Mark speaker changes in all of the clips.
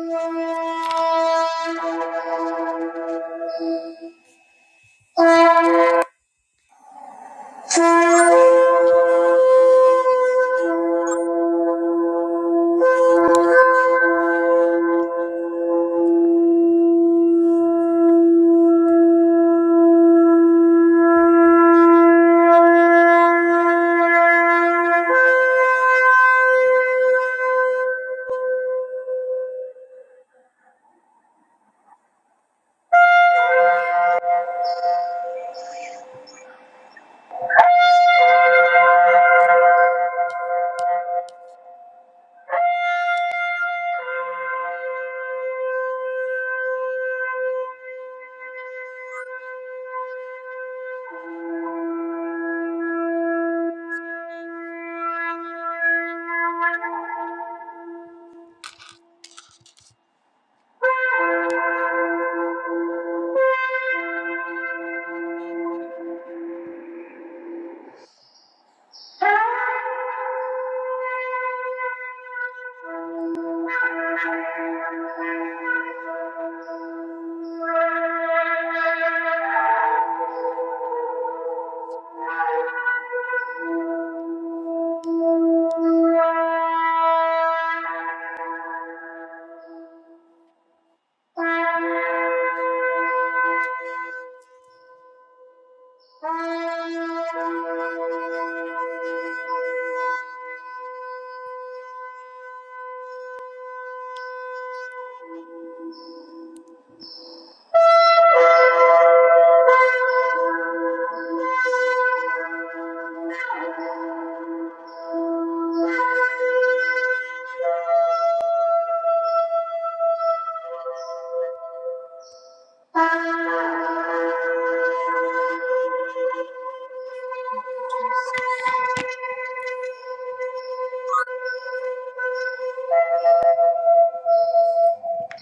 Speaker 1: Thank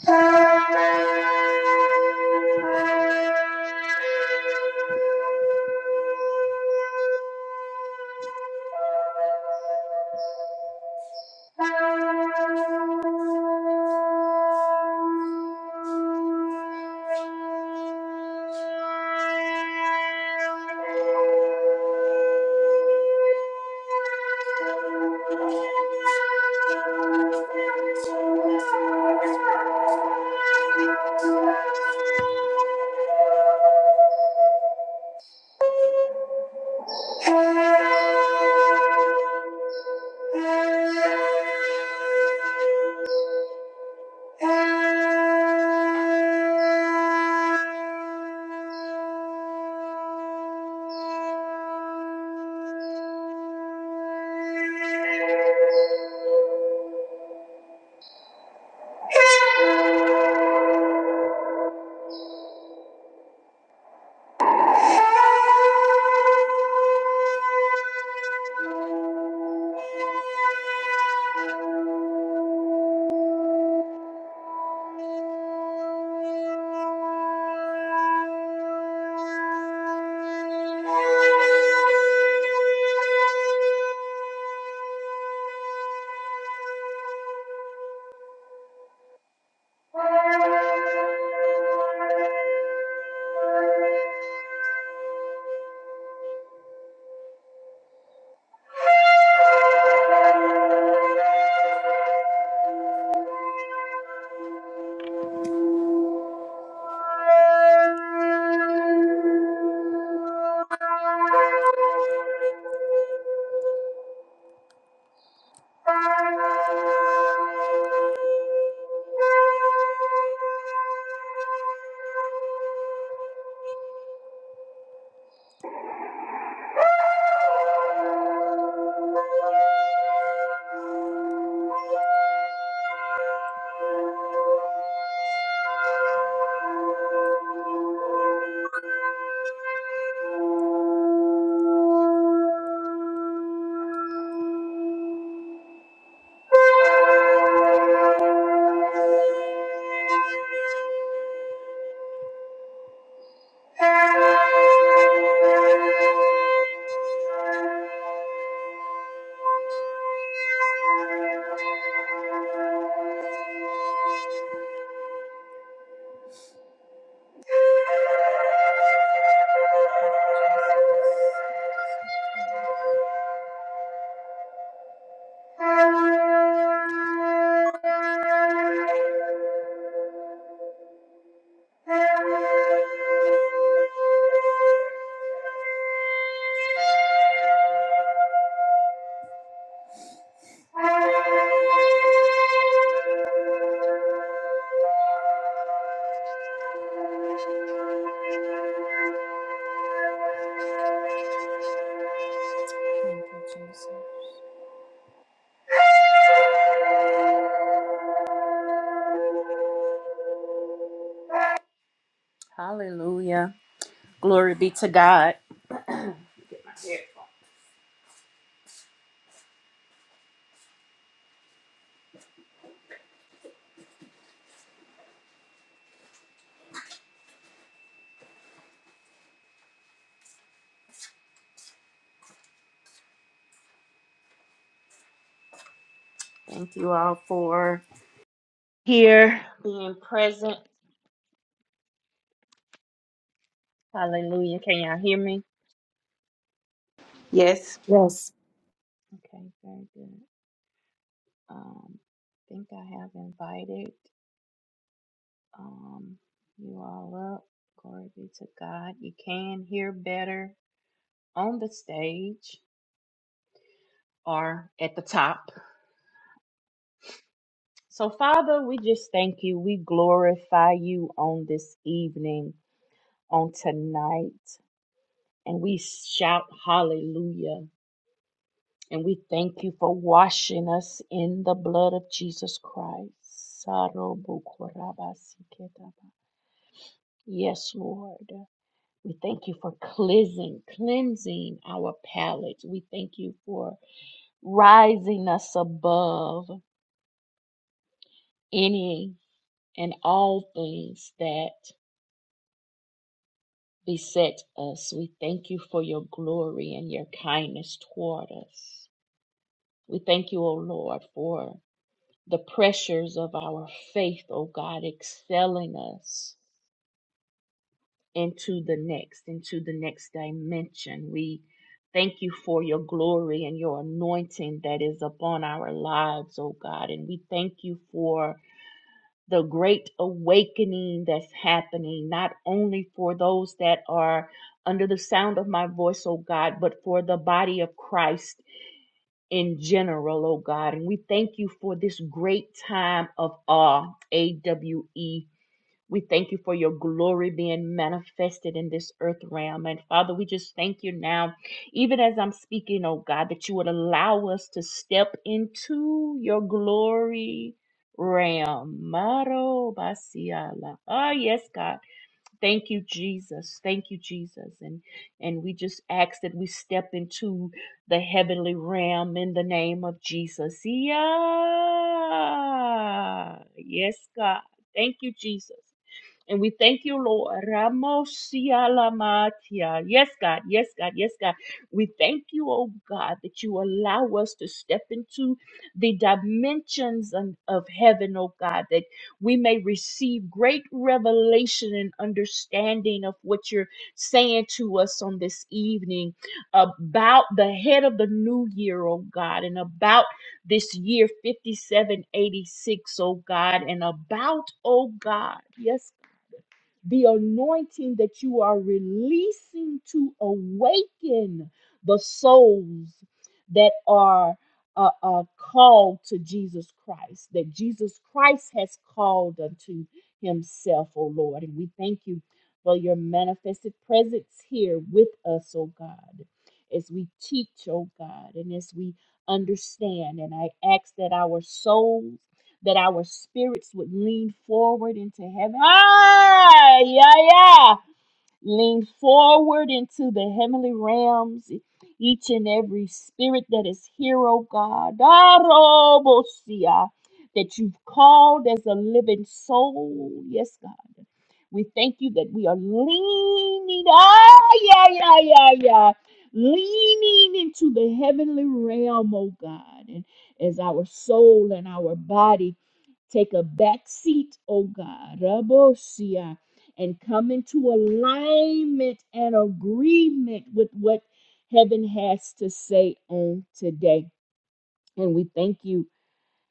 Speaker 1: Thank you. Thank you, Jesus. Hallelujah. Glory be to God. Thank you all for here, being present. Hallelujah. Can y'all hear me?
Speaker 2: Yes.
Speaker 3: Yes,
Speaker 1: Okay, very good. Um, I think I have invited um, you all up. Glory be to God. You can hear better on the stage or at the top. So, Father, we just thank you. We glorify you on this evening, on tonight, and we shout hallelujah. And we thank you for washing us in the blood of Jesus Christ. Yes, Lord. We thank you for cleansing, cleansing our palates. We thank you for rising us above any and all things that beset us. We thank you for your glory and your kindness toward us. We thank you, O Lord, for the pressures of our faith, oh God, excelling us into the next, into the next dimension. We thank you for your glory and your anointing that is upon our lives, oh God. And we thank you for the great awakening that's happening, not only for those that are under the sound of my voice, oh God, but for the body of Christ in general, oh God. And we thank you for this great time of awe, A W E. We thank you for your glory being manifested in this earth realm. And Father, we just thank you now, even as I'm speaking, oh God, that you would allow us to step into your glory realm. Maro basiala. Ah, yes, God. Thank you, Jesus. Thank you, Jesus. And and we just ask that we step into the heavenly realm in the name of Jesus. Yeah. Yes, God. Thank you, Jesus. And we thank you, Lord. Ramosialamatia. Yes, God. Yes, God. Yes, God. We thank you, oh God, that you allow us to step into the dimensions of of heaven, oh God, that we may receive great revelation and understanding of what you're saying to us on this evening about the head of the new year, oh God, and about this year 5786, O God, and about, oh God, yes, the anointing that you are releasing to awaken the souls that are uh, uh, called to Jesus Christ, that Jesus Christ has called unto himself, O Lord. And we thank you for your manifested presence here with us, O God, as we teach, O God, and as we understand. And I ask that our souls that our spirits would lean forward into heaven. Ah, yeah, yeah lean forward into the heavenly realms, each and every spirit that is here, oh God. Arobosia, That you've called as a living soul. Yes, God. We thank you that we are leaning. Ah, yeah, yeah, yeah, yeah. Leaning into the heavenly realm, oh God. And as our soul and our body take a back seat, oh God and come into alignment and agreement with what heaven has to say on today. And we thank you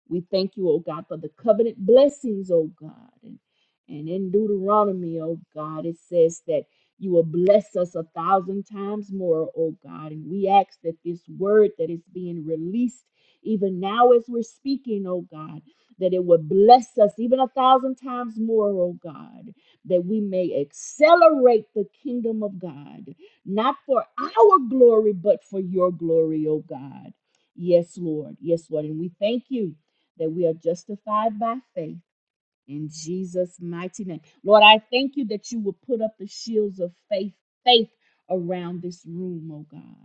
Speaker 1: we thank you, oh God, for the covenant blessings, oh God. And, and in Deuteronomy, oh God, it says that you will bless us a thousand times more, oh God. And we ask that this word that is being released, even now as we're speaking, oh God, that it would bless us even a thousand times more, oh God, that we may accelerate the kingdom of God, not for our glory, but for your glory, oh God. Yes, Lord. Yes, Lord. And we thank you that we are justified by faith in Jesus' mighty name. Lord, I thank you that you will put up the shields of faith, faith around this room, oh God.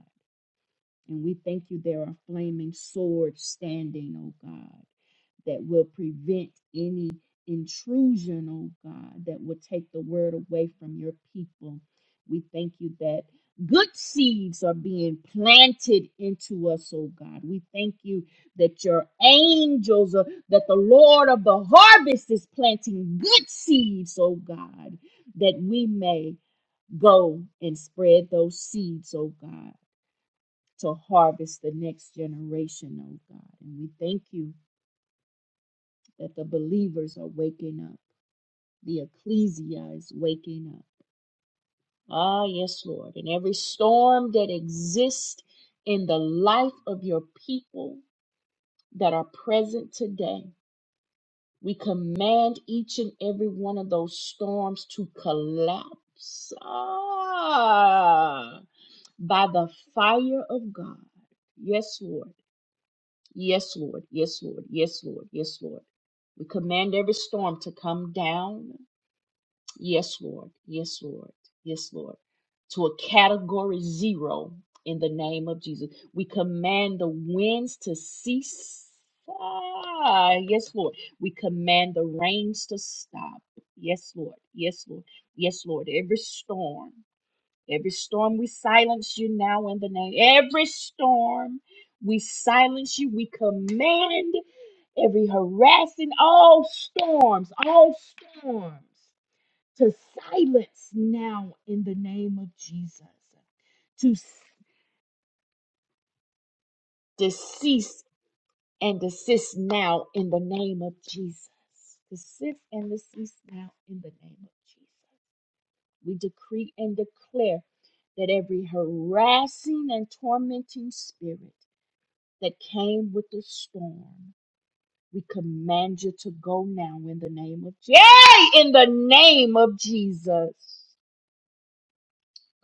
Speaker 1: And we thank you there are flaming swords standing, oh God, that will prevent any intrusion, oh God, that will take the word away from your people. We thank you that good seeds are being planted into us, oh God. We thank you that your angels, are, that the Lord of the harvest is planting good seeds, oh God, that we may go and spread those seeds, oh God to harvest the next generation, oh God. And we thank you that the believers are waking up, the ecclesia is waking up. Ah, yes, Lord. And every storm that exists in the life of your people that are present today, we command each and every one of those storms to collapse ah, by the fire of God. Yes, Lord Yes, Lord. Yes, Lord. Yes, Lord. Yes, Lord. We command every storm to come down. Yes, Lord. Yes, Lord. Yes, Lord. To a category zero in the name of Jesus. We command the winds to cease. Ah, yes, Lord. We command the rains to stop. Yes, Lord. Yes, Lord. Yes, Lord. Every storm. Every storm we silence you now in the name. Every storm we silence you. We command every harassing, all storms, all storms to silence now in the name of Jesus. To, s- to cease and desist now in the name of Jesus. To cease and desist now in the name of Jesus. We decree and declare that every harassing and tormenting spirit that came with the storm, we command you to go now in the name of Yay! In the name of Jesus.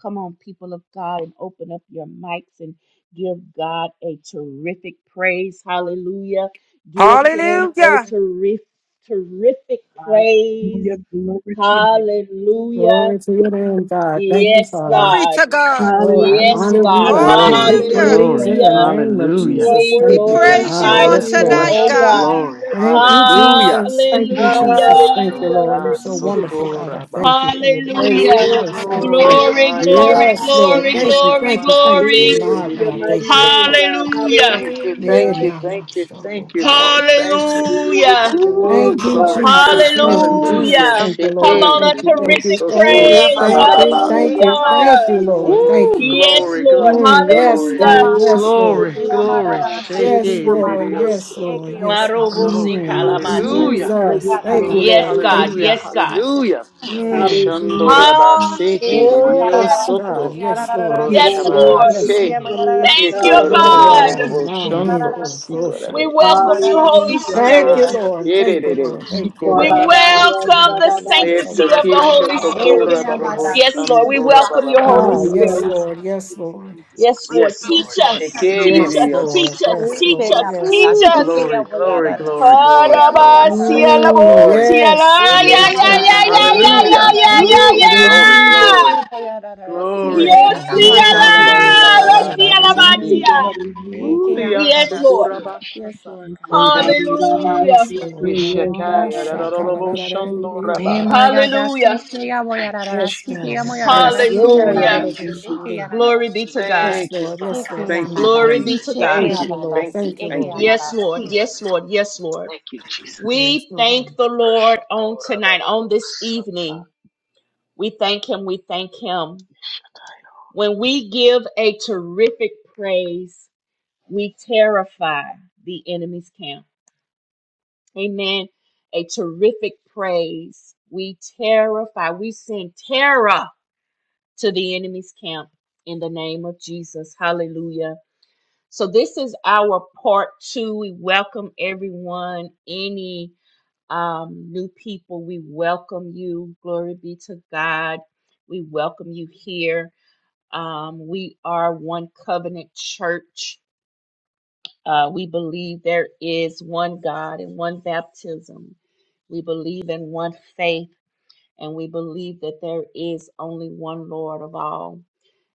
Speaker 1: Come on, people of God, and open up your mics and give God a terrific praise. Hallelujah. Give him a
Speaker 4: Hallelujah.
Speaker 1: terrific, terrific praise.
Speaker 5: Hallelujah, glory to your name.
Speaker 1: Hallelujah.
Speaker 3: glory to your name, God. Thank you,
Speaker 1: Yes,
Speaker 3: Father.
Speaker 4: Glory
Speaker 1: God.
Speaker 4: to God.
Speaker 3: Oh, I
Speaker 1: Yes,
Speaker 3: honor
Speaker 5: Hallelujah,
Speaker 6: Glory,
Speaker 3: you.
Speaker 1: God.
Speaker 3: I
Speaker 5: glory to
Speaker 3: give
Speaker 5: your
Speaker 6: glory,
Speaker 3: you
Speaker 4: Hallelujah.
Speaker 5: name,
Speaker 3: praise
Speaker 6: glory.
Speaker 3: in the
Speaker 5: God.
Speaker 1: Hallelujah.
Speaker 3: name of
Speaker 5: You
Speaker 6: Hallelujah.
Speaker 5: are
Speaker 3: Jesus.
Speaker 1: We
Speaker 4: We
Speaker 3: Thank
Speaker 5: worthy
Speaker 3: you,
Speaker 5: to
Speaker 3: God.
Speaker 5: be
Speaker 6: Yes,
Speaker 4: praise
Speaker 3: Ah,
Speaker 4: you
Speaker 1: glorify
Speaker 6: Lord,
Speaker 4: on
Speaker 6: I
Speaker 5: praised,
Speaker 3: yes,
Speaker 1: you,
Speaker 5: God.
Speaker 3: Lord.
Speaker 4: tonight,
Speaker 6: bless
Speaker 1: oh
Speaker 6: you.
Speaker 4: God.
Speaker 1: God.
Speaker 6: Glory.
Speaker 5: Hallelujah,
Speaker 3: Thank you,
Speaker 5: Jesus.
Speaker 6: Hallelujah.
Speaker 3: Jesus. Thank you,
Speaker 6: Shaka
Speaker 3: Jesus. Thank you,
Speaker 5: Hallelujah,
Speaker 1: Hallelujah.
Speaker 3: Lord.
Speaker 6: yorara
Speaker 3: You're so
Speaker 5: hallelujah,
Speaker 3: wonderful, God.
Speaker 5: Jesus.
Speaker 6: sotora
Speaker 3: I thank you for your
Speaker 6: bashite.
Speaker 3: grace and
Speaker 1: Hallelujah.
Speaker 3: your
Speaker 5: Yes,
Speaker 3: mercy,
Speaker 5: God.
Speaker 3: Lord.
Speaker 6: Glory
Speaker 1: Glory,
Speaker 5: Hallelujah,
Speaker 6: hayara
Speaker 1: glory,
Speaker 3: Yes, Lord.
Speaker 1: glory,
Speaker 5: Jesus.
Speaker 3: Thank you,
Speaker 6: sotora
Speaker 1: glory,
Speaker 3: thank you, thank you.
Speaker 1: glory.
Speaker 5: Glory
Speaker 6: bashikiri
Speaker 3: My
Speaker 5: to your
Speaker 3: God,
Speaker 5: mighty
Speaker 3: thank you.
Speaker 5: name,
Speaker 6: soto.
Speaker 5: God.
Speaker 1: Hallelujah.
Speaker 6: Thank you,
Speaker 3: Ned,
Speaker 6: thank
Speaker 5: Hallelujah.
Speaker 6: you,
Speaker 3: not my
Speaker 6: thank you, thank
Speaker 3: struggle.
Speaker 6: you, Lord. Thank you.
Speaker 5: Glory
Speaker 1: Hallelujah.
Speaker 5: to your
Speaker 6: Ooh,
Speaker 3: Thank
Speaker 5: name,
Speaker 3: you,
Speaker 6: glory
Speaker 5: God.
Speaker 6: to God.
Speaker 3: Jesus. Thank you,
Speaker 5: Hallelujah,
Speaker 3: Jesus.
Speaker 6: Hallelujah.
Speaker 1: Hallelujah.
Speaker 3: Thank you,
Speaker 6: Shake
Speaker 1: Come
Speaker 3: Lord.
Speaker 6: it.
Speaker 1: on, a
Speaker 3: Thank you, thank you,
Speaker 1: terrific
Speaker 2: Thank
Speaker 3: thank
Speaker 5: Jesus.
Speaker 3: you,
Speaker 6: Sotora.
Speaker 1: praise.
Speaker 6: Ba
Speaker 5: Da
Speaker 6: ba
Speaker 3: thank
Speaker 6: ba
Speaker 5: da
Speaker 3: you,
Speaker 5: da da da
Speaker 3: thank
Speaker 5: da
Speaker 3: you,
Speaker 6: ba.
Speaker 5: da
Speaker 1: Hallelujah.
Speaker 3: thank
Speaker 5: da
Speaker 3: you, Lord.
Speaker 5: da
Speaker 3: Thank
Speaker 6: Ooh,
Speaker 5: da
Speaker 3: you.
Speaker 5: da
Speaker 1: Yes,
Speaker 6: Glory,
Speaker 5: da
Speaker 1: Lord.
Speaker 6: glory,
Speaker 3: Mm, yes,
Speaker 6: glory,
Speaker 3: God.
Speaker 1: Hallelujah.
Speaker 5: Glory to
Speaker 3: Yes,
Speaker 5: your
Speaker 3: Lord.
Speaker 6: glory,
Speaker 5: name,
Speaker 6: glory.
Speaker 5: God.
Speaker 6: Shake
Speaker 3: Yes,
Speaker 5: Hallelujah.
Speaker 6: it, it,
Speaker 5: We
Speaker 6: it,
Speaker 3: Lord.
Speaker 6: it, oh,
Speaker 3: Yes,
Speaker 5: worship
Speaker 6: so
Speaker 5: you,
Speaker 3: Lord.
Speaker 6: good.
Speaker 5: God.
Speaker 3: Yes, Lord.
Speaker 1: Marobo si
Speaker 6: Glory,
Speaker 5: Oh,
Speaker 3: Mm,
Speaker 5: we
Speaker 6: hallelujah,
Speaker 5: magnify your
Speaker 3: Jesus. Thank you,
Speaker 5: name.
Speaker 6: glory,
Speaker 1: Yes,
Speaker 3: Lord.
Speaker 1: God.
Speaker 3: Thank
Speaker 6: hallelujah,
Speaker 3: you.
Speaker 1: Yes,
Speaker 5: Hallelujah.
Speaker 1: God.
Speaker 6: hallelujah.
Speaker 3: Mm,
Speaker 5: Hallelujah,
Speaker 6: Yeshandora
Speaker 1: Hallelujah.
Speaker 5: Jesus.
Speaker 6: baseke, it, it, it, oh,
Speaker 3: yes, God.
Speaker 6: soto.
Speaker 3: Yes, Lord.
Speaker 5: You
Speaker 3: Yes,
Speaker 5: are
Speaker 1: Yes,
Speaker 3: Lord.
Speaker 1: Lord.
Speaker 5: worthy to
Speaker 3: Yes,
Speaker 5: be
Speaker 6: Roshabahase,
Speaker 3: Lord.
Speaker 5: praised,
Speaker 1: Thank you,
Speaker 5: God, in
Speaker 3: Ah,
Speaker 5: the name
Speaker 3: yada,
Speaker 1: God.
Speaker 5: of
Speaker 6: yekororororororobo,
Speaker 3: man,
Speaker 5: Jesus.
Speaker 3: dear,
Speaker 6: shondo,
Speaker 3: oh, Rosha.
Speaker 1: We
Speaker 6: sikorarayasa.
Speaker 1: welcome you, Holy
Speaker 5: Hallelujah.
Speaker 3: Thank you,
Speaker 1: Spirit.
Speaker 6: Mahaya,
Speaker 3: Lord.
Speaker 5: Hallelujah.
Speaker 3: Thank you,
Speaker 6: yerere,
Speaker 3: Lord.
Speaker 5: You
Speaker 3: Thank you,
Speaker 5: are
Speaker 1: We
Speaker 5: da
Speaker 3: Lord.
Speaker 5: da
Speaker 3: Oh,
Speaker 6: sikorabashete.
Speaker 5: da
Speaker 3: so
Speaker 1: welcome
Speaker 3: many
Speaker 5: da
Speaker 1: the
Speaker 5: da
Speaker 3: ways.
Speaker 5: da.
Speaker 3: I'm so
Speaker 5: Speak
Speaker 6: Esa
Speaker 1: sanctity
Speaker 5: to
Speaker 1: of
Speaker 3: grateful
Speaker 1: the
Speaker 3: to
Speaker 5: your
Speaker 3: you,
Speaker 6: kesho
Speaker 1: Holy
Speaker 3: Father,
Speaker 5: time.
Speaker 3: for
Speaker 1: Spirit.
Speaker 3: your
Speaker 6: tokura bababo,
Speaker 3: grace.
Speaker 1: Yes, Lord. We
Speaker 6: shandora
Speaker 1: welcome your Holy
Speaker 3: Ah,
Speaker 6: babababasa.
Speaker 3: yes,
Speaker 1: Spirit.
Speaker 5: Hallelujah.
Speaker 3: Lord.
Speaker 2: you.
Speaker 3: Yes, Lord.
Speaker 1: Yes,
Speaker 5: Jesus.
Speaker 1: Lord.
Speaker 6: Yes,
Speaker 1: Teach
Speaker 6: Lord.
Speaker 1: us. Teach
Speaker 3: Yes,
Speaker 6: Shekinah.
Speaker 1: us. Teach
Speaker 3: Lord.
Speaker 1: us.
Speaker 3: Yes,
Speaker 2: Yes,
Speaker 1: Teach
Speaker 2: Lord
Speaker 3: Lord.
Speaker 1: us.
Speaker 3: Yes,
Speaker 1: Teach
Speaker 3: Lord.
Speaker 6: Ooh,
Speaker 1: us.
Speaker 6: glory, glory, glory, glory, glory, glory,
Speaker 3: Mm,
Speaker 1: Arabasialabo,
Speaker 6: glory.
Speaker 3: yes,
Speaker 1: tiala,
Speaker 3: God.
Speaker 1: yeah,
Speaker 3: I
Speaker 6: Yes,
Speaker 1: yeah,
Speaker 3: Thank
Speaker 6: God.
Speaker 3: you,
Speaker 1: yeah,
Speaker 3: Lord.
Speaker 1: yeah,
Speaker 3: I
Speaker 1: yeah,
Speaker 3: love
Speaker 1: yeah,
Speaker 3: my
Speaker 6: Hallelujah.
Speaker 1: yeah, yeah,
Speaker 6: Woo,
Speaker 3: friend.
Speaker 6: glory,
Speaker 5: Hallelujah.
Speaker 6: glory,
Speaker 1: yeah.
Speaker 3: Yeah,
Speaker 6: glory.
Speaker 1: Yes,
Speaker 3: God. I know
Speaker 5: Glory to your
Speaker 3: how it is.
Speaker 5: name,
Speaker 1: Ciela!
Speaker 5: God.
Speaker 1: Ciela
Speaker 6: Shambarorarabasiki.
Speaker 5: Hallelujah,
Speaker 1: Batia.
Speaker 5: hallelujah.
Speaker 3: Oh, cool.
Speaker 1: Yes, Lord.
Speaker 6: Uriasukurabashata.
Speaker 5: We
Speaker 2: God.
Speaker 5: call
Speaker 6: Thank
Speaker 5: out of
Speaker 2: Thank
Speaker 6: you,
Speaker 2: you.
Speaker 5: our
Speaker 6: Father.
Speaker 5: mouth,
Speaker 1: Hallelujah.
Speaker 3: Yes,
Speaker 5: we go on that our mouth, God.
Speaker 2: Hey, my
Speaker 3: Lord.
Speaker 6: Ishakayarararaboshandorabasi.
Speaker 2: God. That's the
Speaker 1: Hallelujah.
Speaker 2: shea, boy,
Speaker 6: Thank
Speaker 2: yada,
Speaker 6: you,
Speaker 2: yada,
Speaker 3: Yes,
Speaker 2: see,
Speaker 6: Jesus.
Speaker 2: shea, boy,
Speaker 3: God.
Speaker 2: yada, yada,
Speaker 3: Yes.
Speaker 2: see,
Speaker 3: Yeah,
Speaker 2: yada,
Speaker 3: yeah, that
Speaker 6: Thank
Speaker 1: Hallelujah.
Speaker 2: yada,
Speaker 3: is a
Speaker 6: you.
Speaker 2: see,
Speaker 5: Hallelujah,
Speaker 2: eke,
Speaker 3: shandy.
Speaker 2: yada,
Speaker 5: Jesus.
Speaker 2: yada,
Speaker 1: Glory be
Speaker 2: see.
Speaker 1: to God.
Speaker 3: Yes,
Speaker 6: Thank you,
Speaker 3: Lord. Yes,
Speaker 6: Father.
Speaker 2: Eke,
Speaker 3: Lord.
Speaker 6: Thank
Speaker 3: Thank
Speaker 2: yama,
Speaker 6: you,
Speaker 3: you,
Speaker 2: da,
Speaker 1: Glory
Speaker 6: thank
Speaker 3: Lord.
Speaker 2: see,
Speaker 1: be
Speaker 6: you,
Speaker 1: to God.
Speaker 2: sheke,
Speaker 6: thank
Speaker 3: Thank you,
Speaker 6: you,
Speaker 2: yada, da,
Speaker 3: Lord.
Speaker 6: thank
Speaker 2: see,
Speaker 6: you,
Speaker 3: Thank you,
Speaker 2: eke,
Speaker 6: thank
Speaker 3: Lord.
Speaker 6: you.
Speaker 2: yama,
Speaker 1: Yes,
Speaker 2: da,
Speaker 1: Lord.
Speaker 2: see.
Speaker 1: Yes, Lord. Yes, Lord.
Speaker 6: Thank you, Jesus.
Speaker 3: Yes,
Speaker 1: We thank
Speaker 3: Lord.
Speaker 1: the Lord on tonight, on this evening. We thank Him. We thank Him. When we give a terrific praise, we terrify the enemy's camp Amen. A terrific praise. We terrify, we send terror to the enemy's camp in the name of Jesus. Hallelujah. So, this is our part two. We welcome everyone, any um, new people. We welcome you. Glory be to God. We welcome you here. Um, we are one covenant church. Uh, we believe there is one God and one baptism. We believe in one faith, and we believe that there is only one Lord of all.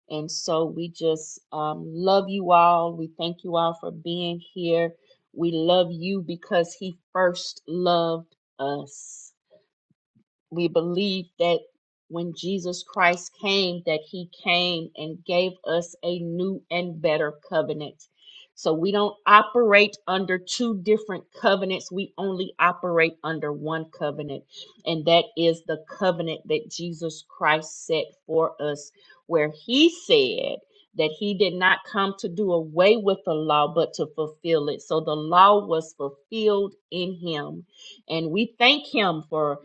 Speaker 1: And so we just um, love you all. We thank you all for being here. We love you because He first loved us we believe that when Jesus Christ came that he came and gave us a new and better covenant. So we don't operate under two different covenants. We only operate under one covenant, and that is the covenant that Jesus Christ set for us where he said that he did not come to do away with the law but to fulfill it. So the law was fulfilled in him. And we thank him for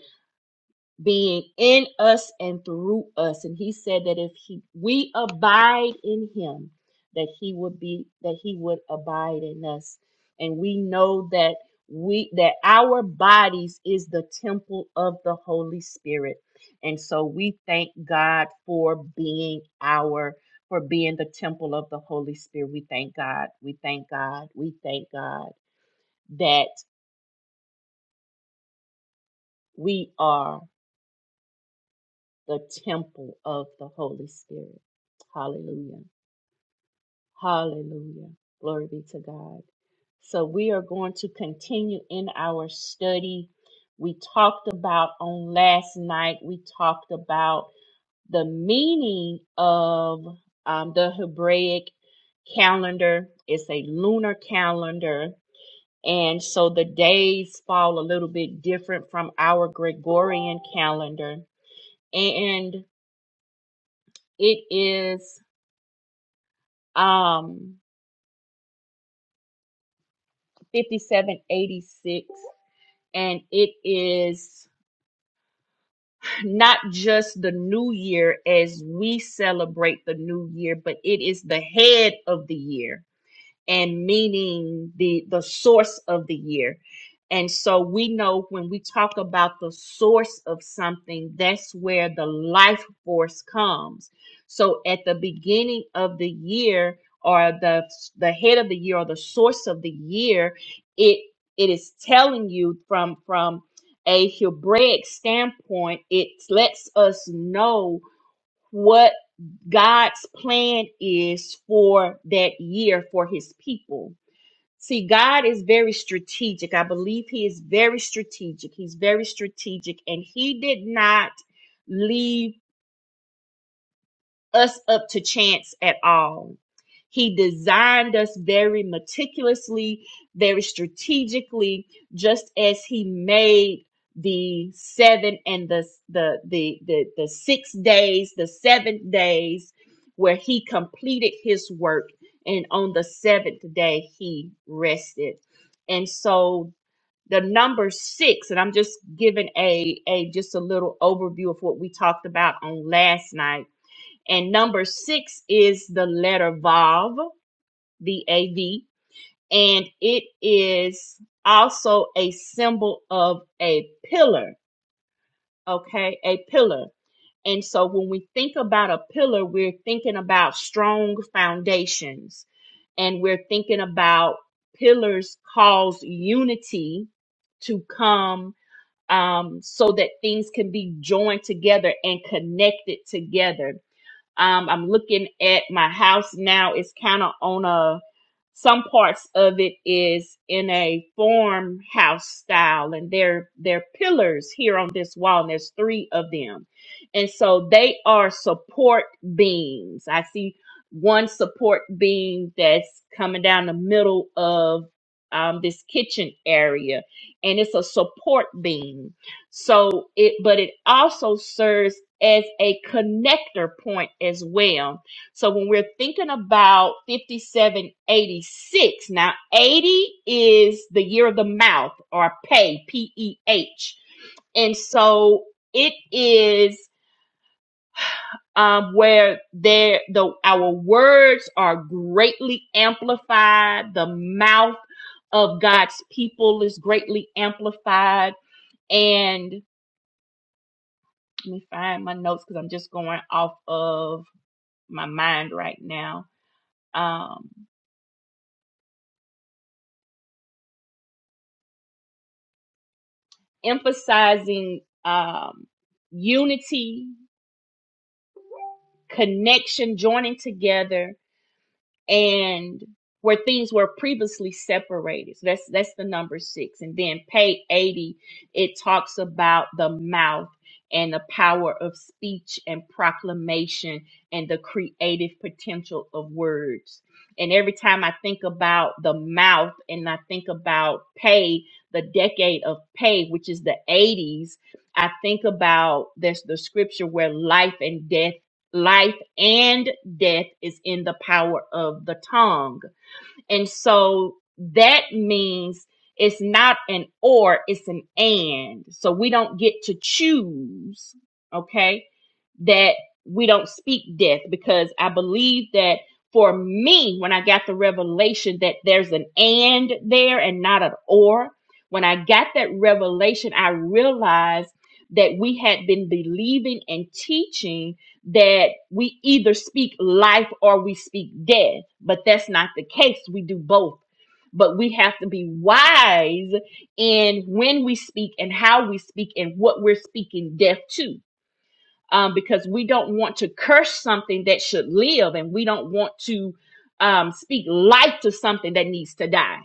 Speaker 1: being in us and through us. And he said that if he, we abide in him, that he would be, that he would abide in us. And we know that we, that our bodies is the temple of the Holy Spirit. And so we thank God for being our, for being the temple of the Holy Spirit. We thank God. We thank God. We thank God that we are. the temple of the Holy Spirit. Hallelujah. Hallelujah. Glory be to God. So we are going to continue in our study. We talked about on last night, we talked about the meaning of um, the Hebraic calendar. It's a lunar calendar. And so the days fall a little bit different from our Gregorian calendar. And it is um 5786 and it is not just the new year as we celebrate the new year but it is the head of the year and meaning the the source of the year. And so we know when we talk about the source of something, that's where the life force comes. So at the beginning of the year or the the head of the year or the source of the year, it it is telling you from from a Hebraic standpoint, it lets us know what God's plan is for that year for his people. See, God is very strategic. I believe He is very strategic. He's very strategic. And He did not leave us up to chance at all. He designed us very meticulously, very strategically, just as he made the seven and the the the the, the six days, the seventh days, where he completed his work, and on the seventh day he rested. And so the number six, and I'm just giving a a just a little overview of what we talked about on last night and number six is the letter Vav, the AV, and it is also a symbol of a pillar, okay? A pillar. And so when we think about a pillar, we're thinking about strong foundations and we're thinking about pillars cause unity to come um, so that things can be joined together and connected together um, I'm looking at my house now. It's kind of on a, some parts of it is in a farmhouse style and they're, they're pillars here on this wall and there's three of them. And so they are support beams. I see one support beam that's coming down the middle of um, this kitchen area and it's a support beam so it, but it also serves as a connector point as well. So when we're thinking about 5786, now 80 is the year of the mouth or pay, P E H. And so it is um, where there the our words are greatly amplified. The mouth of God's people is greatly amplified, and. Let me find my notes because I'm just going off of my mind right now. Um, emphasizing um, unity, connection, joining together, and where things were previously separated. So that's that's the number six. And then page 80, it talks about the mouth and the power of speech and proclamation and the creative potential of words. And every time I think about the mouth and I think about pay, the decade of pay, which is the 80s, I think about there's the scripture where life and death life and death is in the power of the tongue. And so that means it's not an or, it's an and. So we don't get to choose, okay, that we don't speak death because I believe that for me, when I got the revelation that there's an and there and not an or, when I got that revelation, I realized that we had been believing and teaching that we either speak life or we speak death, but that's not the case. We do both. But we have to be wise in when we speak and how we speak and what we're speaking death to. Um, because we don't want to curse something that should live and we don't want to um, speak life to something that needs to die.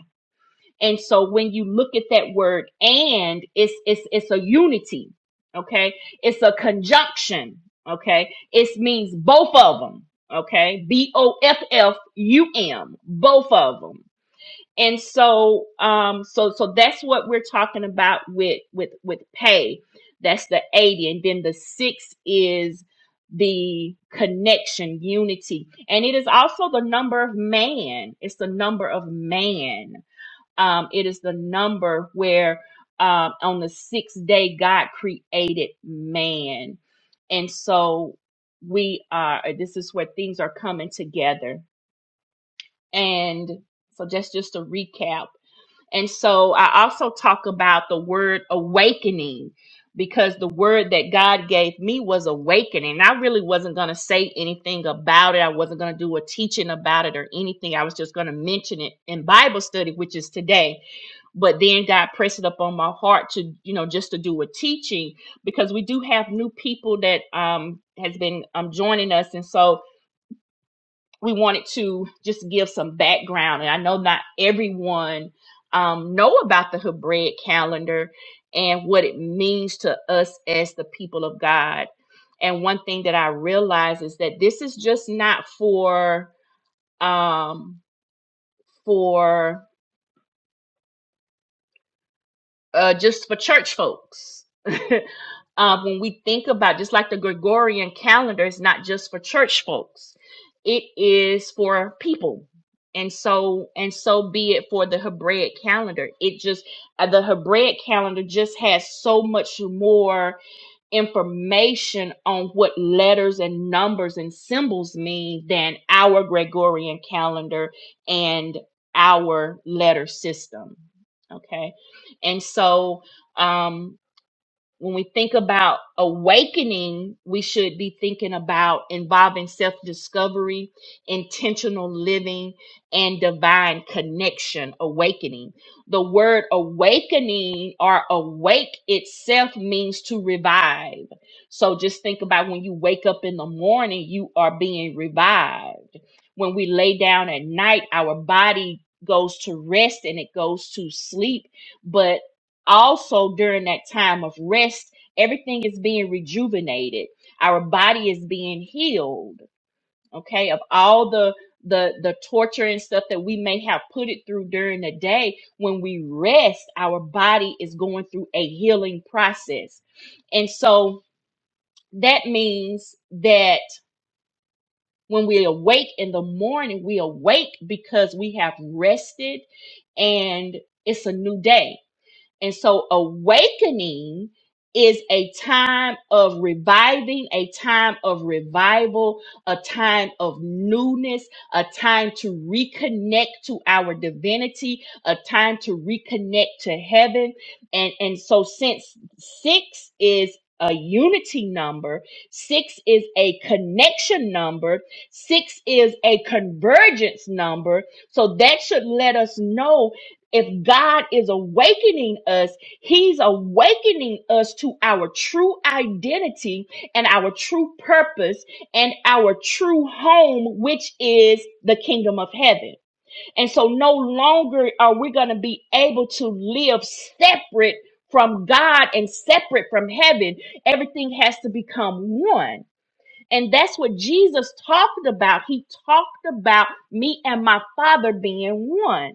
Speaker 1: And so when you look at that word and it's it's it's a unity, okay? It's a conjunction, okay? It means both of them, okay? B O F F U M, both of them. And so um so so that's what we're talking about with with with pay. That's the 80 and then the 6 is the connection, unity. And it is also the number of man. It's the number of man um, it is the number where um, on the sixth day God created man, and so we are. This is where things are coming together, and so just just a recap. And so I also talk about the word awakening because the word that God gave me was awakening. I really wasn't going to say anything about it. I wasn't going to do a teaching about it or anything. I was just going to mention it in Bible study, which is today but then God pressed it up on my heart to you know just to do a teaching because we do have new people that um has been um joining us and so we wanted to just give some background and I know not everyone um know about the Hebraic calendar and what it means to us as the people of God and one thing that I realize is that this is just not for um for uh just for church folks uh, when we think about just like the Gregorian calendar is not just for church folks, it is for people. And so and so be it for the Hebraic calendar. It just uh, the Hebraic calendar just has so much more information on what letters and numbers and symbols mean than our Gregorian calendar and our letter system. Okay. And so um when we think about awakening, we should be thinking about involving self discovery, intentional living, and divine connection. Awakening. The word awakening or awake itself means to revive. So just think about when you wake up in the morning, you are being revived. When we lay down at night, our body goes to rest and it goes to sleep but also during that time of rest, everything is being rejuvenated. Our body is being healed, okay, of all the the the torture and stuff that we may have put it through during the day when we rest our body is going through a healing process and so that means that when we awake in the morning we awake because we have rested and it's a new day and so awakening is a time of reviving, a time of revival, a time of newness, a time to reconnect to our divinity, a time to reconnect to heaven. And and so since 6 is a unity number, 6 is a connection number, 6 is a convergence number. So that should let us know if God is awakening us, He's awakening us to our true identity and our true purpose and our true home, which is the kingdom of heaven. And so no longer are we going to be able to live separate from God and separate from heaven. Everything has to become one. And that's what Jesus talked about. He talked about me and my Father being one.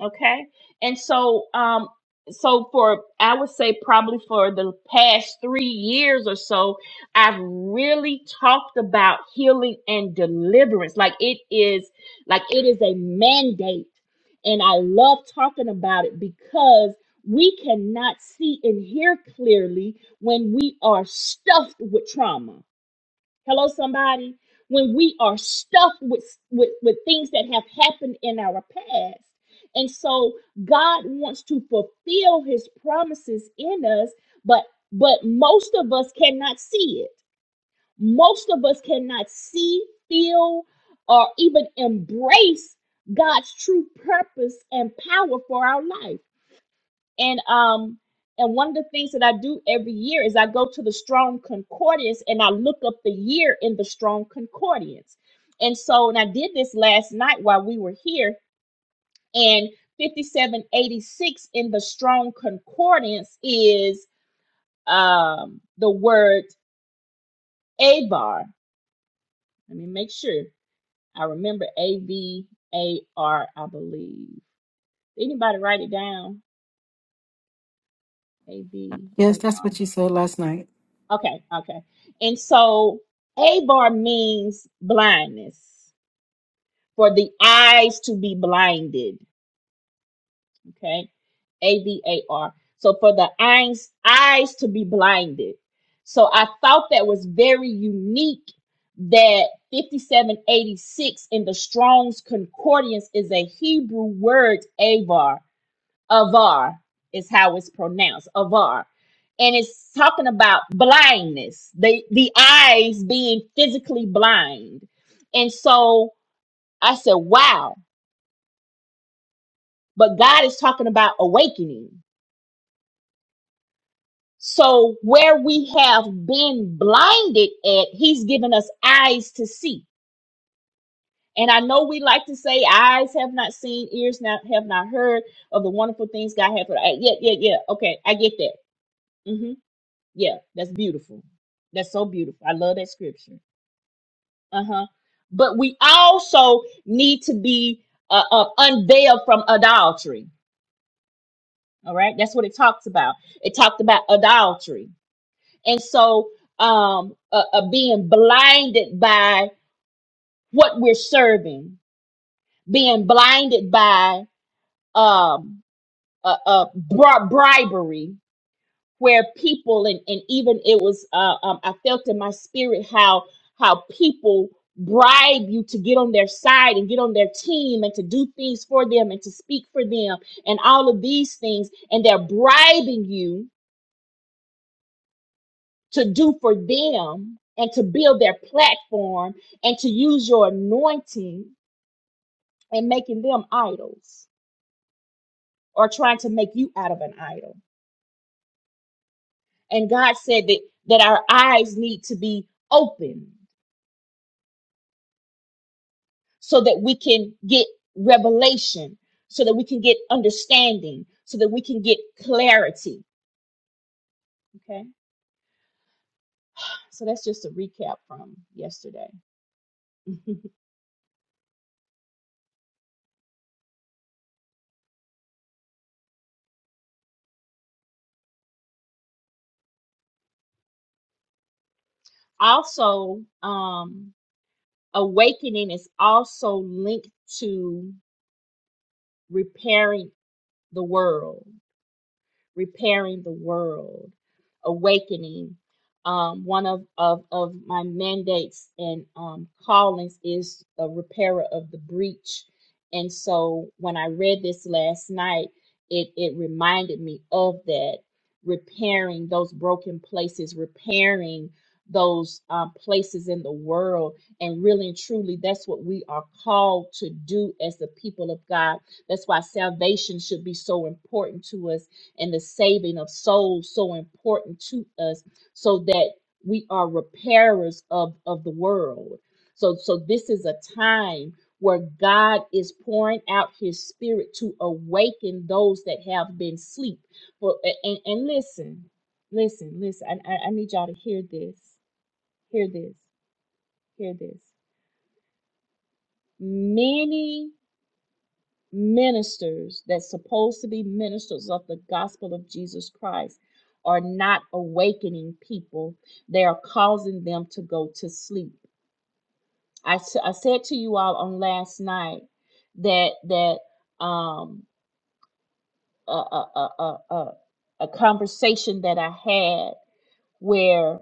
Speaker 1: Okay. And so, um, so for, I would say probably for the past three years or so, I've really talked about healing and deliverance. Like it is, like it is a mandate. And I love talking about it because we cannot see and hear clearly when we are stuffed with trauma Hello, somebody. When we are stuffed with, with, with things that have happened in our past. And so God wants to fulfill his promises in us, but but most of us cannot see it. Most of us cannot see, feel, or even embrace God's true purpose and power for our life. And um and one of the things that I do every year is I go to the Strong Concordance and I look up the year in the Strong Concordance. And so and I did this last night while we were here and 5786 in the Strong Concordance is um the word abar. Let me make sure. I remember A B A R I believe. Anybody write it down? A B A
Speaker 3: Yes, that's
Speaker 1: R.
Speaker 3: what you said last night.
Speaker 1: Okay, okay. And so Abar means blindness, for the eyes to be blinded. Okay, A V A R. So for the eyes, eyes to be blinded. So I thought that was very unique that 5786 in the Strong's Concordance is a Hebrew word, Avar. Avar is how it's pronounced. Avar. And it's talking about blindness, the, the eyes being physically blind. And so I said, wow, but God is talking about awakening. So where we have been blinded at, he's given us eyes to see. And I know we like to say eyes have not seen, ears not have not heard of the wonderful things God has. for- us. Yeah, yeah, yeah. Okay, I get that. Mm-hmm. Yeah, that's beautiful. That's so beautiful. I love that scripture. Uh huh. But we also need to be uh, uh, unveiled from adultery. All right, that's what it talks about. It talked about adultery, and so um, uh, uh, being blinded by what we're serving, being blinded by um, uh, uh, bri- bribery, where people and, and even it was uh, um, i felt in my spirit how how people bribe you to get on their side and get on their team and to do things for them and to speak for them and all of these things and they're bribing you to do for them and to build their platform and to use your anointing and making them idols or trying to make you out of an idol and god said that that our eyes need to be open so that we can get revelation, so that we can get understanding, so that we can get clarity. Okay. So that's just a recap from yesterday. also, um, awakening is also linked to repairing the world. repairing the world, awakening. Um, one of, of, of my mandates and um, callings is a repairer of the breach. And so when I read this last night, it, it reminded me of that repairing those broken places, repairing those um, places in the world. And really and truly, that's what we are called to do as the people of God. That's why salvation should be so important to us and the saving of souls so important to us so that we are repairers of, of the world. So so this is a time where God is pouring out his spirit to awaken those that have been asleep. For and, and listen, listen, listen. I, I, I need y'all to hear this. Hear this. Hear this. Many ministers that's supposed to be ministers of the gospel of Jesus Christ are not awakening people. They are causing them to go to sleep. I, s- I said to you all on last night that that um a a a a, a a conversation that I had where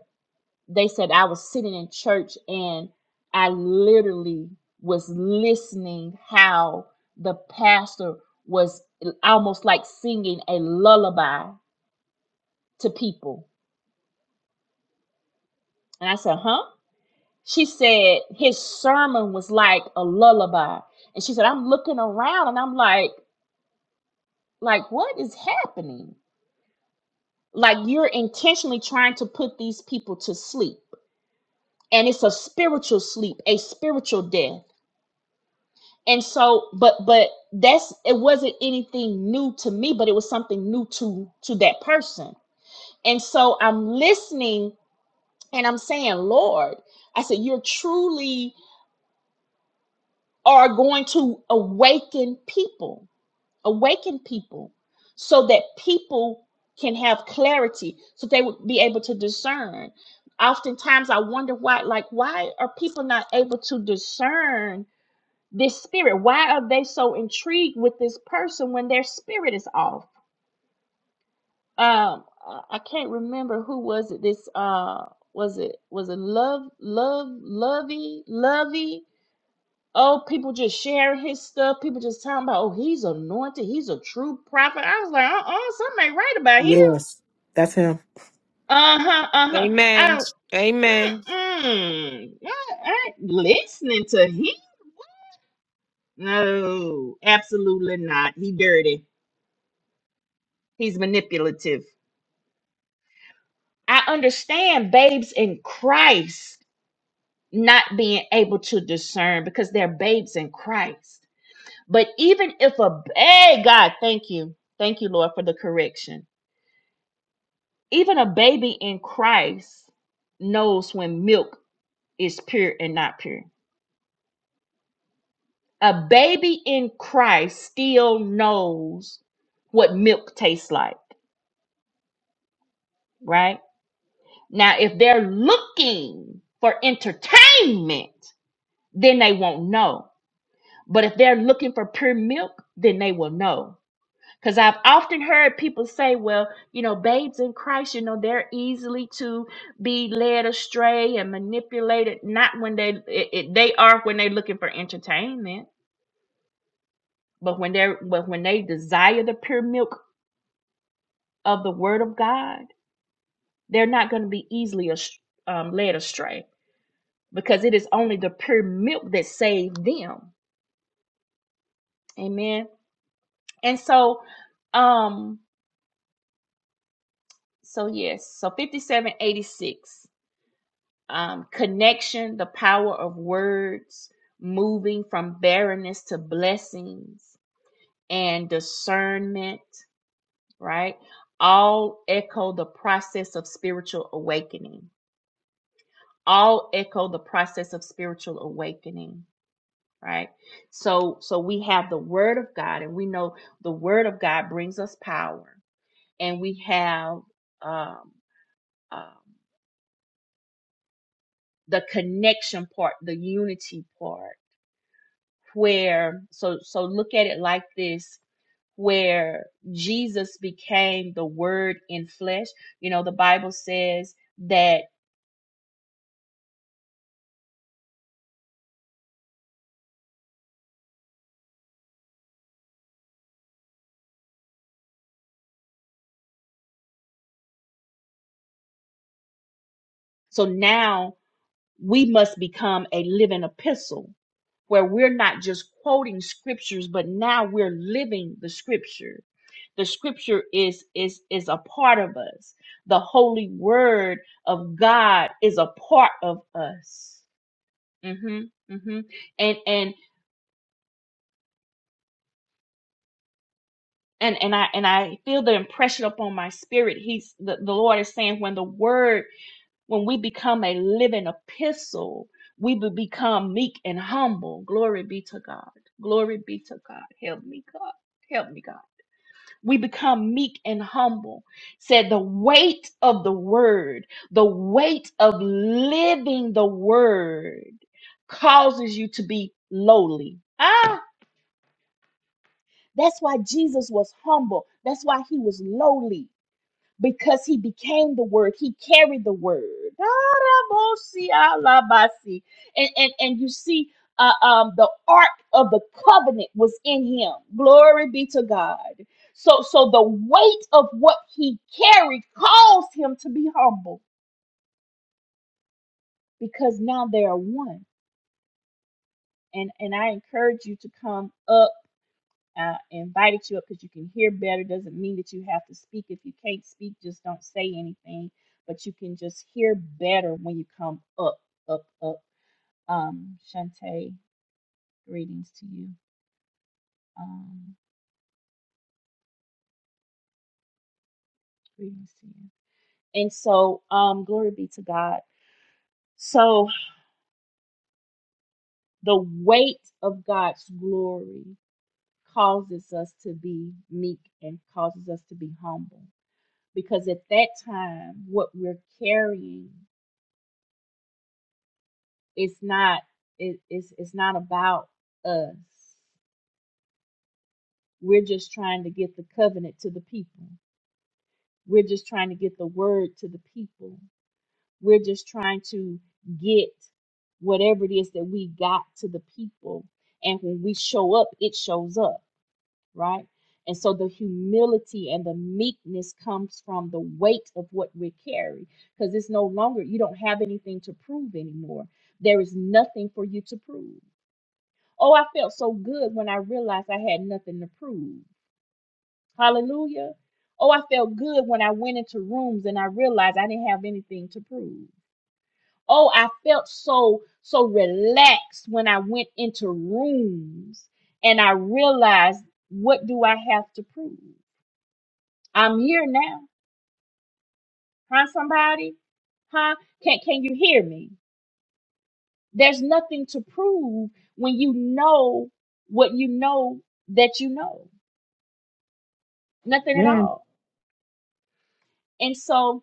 Speaker 1: they said I was sitting in church and I literally was listening how the pastor was almost like singing a lullaby to people. And I said, huh? She said his sermon was like a lullaby. And she said, I'm looking around and I'm like, like what is happening? Like you're intentionally trying to put these people to sleep. And it's a spiritual sleep, a spiritual death and so but but that's it wasn't anything new to me but it was something new to to that person and so i'm listening and i'm saying lord i said you're truly are going to awaken people awaken people so that people can have clarity so they would be able to discern oftentimes i wonder why like why are people not able to discern this spirit why are they so intrigued with this person when their spirit is off um i can't remember who was it this uh was it was it love love lovey lovey oh people just sharing his stuff people just talking about oh he's anointed he's a true prophet i was like uh-uh something ain't right about him
Speaker 3: Yes, that's him.
Speaker 1: uh-huh uh-huh i
Speaker 4: Amen.
Speaker 1: don't
Speaker 4: Amen.
Speaker 1: mm-mm, I ain't listening to him no absolutely not he dirty he's manipulative I understand babes in Christ not being able to discern because they're babes in Christ. But even if a hey God, thank you. Thank you, Lord, for the correction. Even a baby in Christ knows when milk is pure and not pure. A baby in Christ still knows what milk tastes like, right? Now, if they're looking for entertainment, then they won't know. But if they're looking for pure milk, then they will know. Because I've often heard people say, well, you know, babes in Christ, you know, they're easily to be led astray and manipulated. Not when they, it, it- they are when they're looking for entertainment, but when they're, but when they desire the pure milk of the word of God, they're not going to be easily ast- um, led astray because it is only the pure milk that saved them. Amen. And so, um, So yes, so 5786 um connection, the power of words, moving from barrenness to blessings and discernment, right? All echo the process of spiritual awakening. All echo the process of spiritual awakening, right? So so we have the word of God and we know the word of God brings us power and we have um um, the connection part, the unity part, where so so look at it like this where Jesus became the word in flesh. You know, the Bible says that so now we must become a living epistle where we're not just quoting scriptures but now we're living the scripture the scripture is is is a part of us the holy word of god is a part of us Mhm, mhm. And and and and I and I feel the impression upon my spirit. He's the, the Lord is saying when the word, when we become a living epistle, we will become meek and humble. Glory be to God. Glory be to God. Help me, God. Help me, God. We become meek and humble. Said the weight of the word, the weight of living the word causes you to be lowly. Ah, That's why Jesus was humble. That's why he was lowly because he became the word. He carried the word. And, and, and you see, uh, um, the ark of the covenant was in him. Glory be to God. So, so the weight of what he carried caused him to be humble because now they are one. And, and I encourage you to come up I invited you up because you can hear better. Doesn't mean that you have to speak. If you can't speak, just don't say anything. But you can just hear better when you come up, up, up. Um, Shantae, greetings to you. Um, greetings to you. And so, um, glory be to God. So the weight of God's glory causes us to be meek and causes us to be humble because at that time, what we're carrying it's not it, it's it's not about us we're just trying to get the covenant to the people we're just trying to get the word to the people we're just trying to get whatever it is that we got to the people and when we show up it shows up right and so the humility and the meekness comes from the weight of what we carry because it's no longer you don't have anything to prove anymore there is nothing for you to prove Oh, I felt so good when I realized I had nothing to prove. Hallelujah. Oh, I felt good when I went into rooms and I realized I didn't have anything to prove. Oh, I felt so, so relaxed when I went into rooms and I realized what do I have to prove? I'm here now. Huh, somebody? Huh? Can, can you hear me? There's nothing to prove when you know what you know that you know. Nothing at
Speaker 5: Man,
Speaker 1: all And so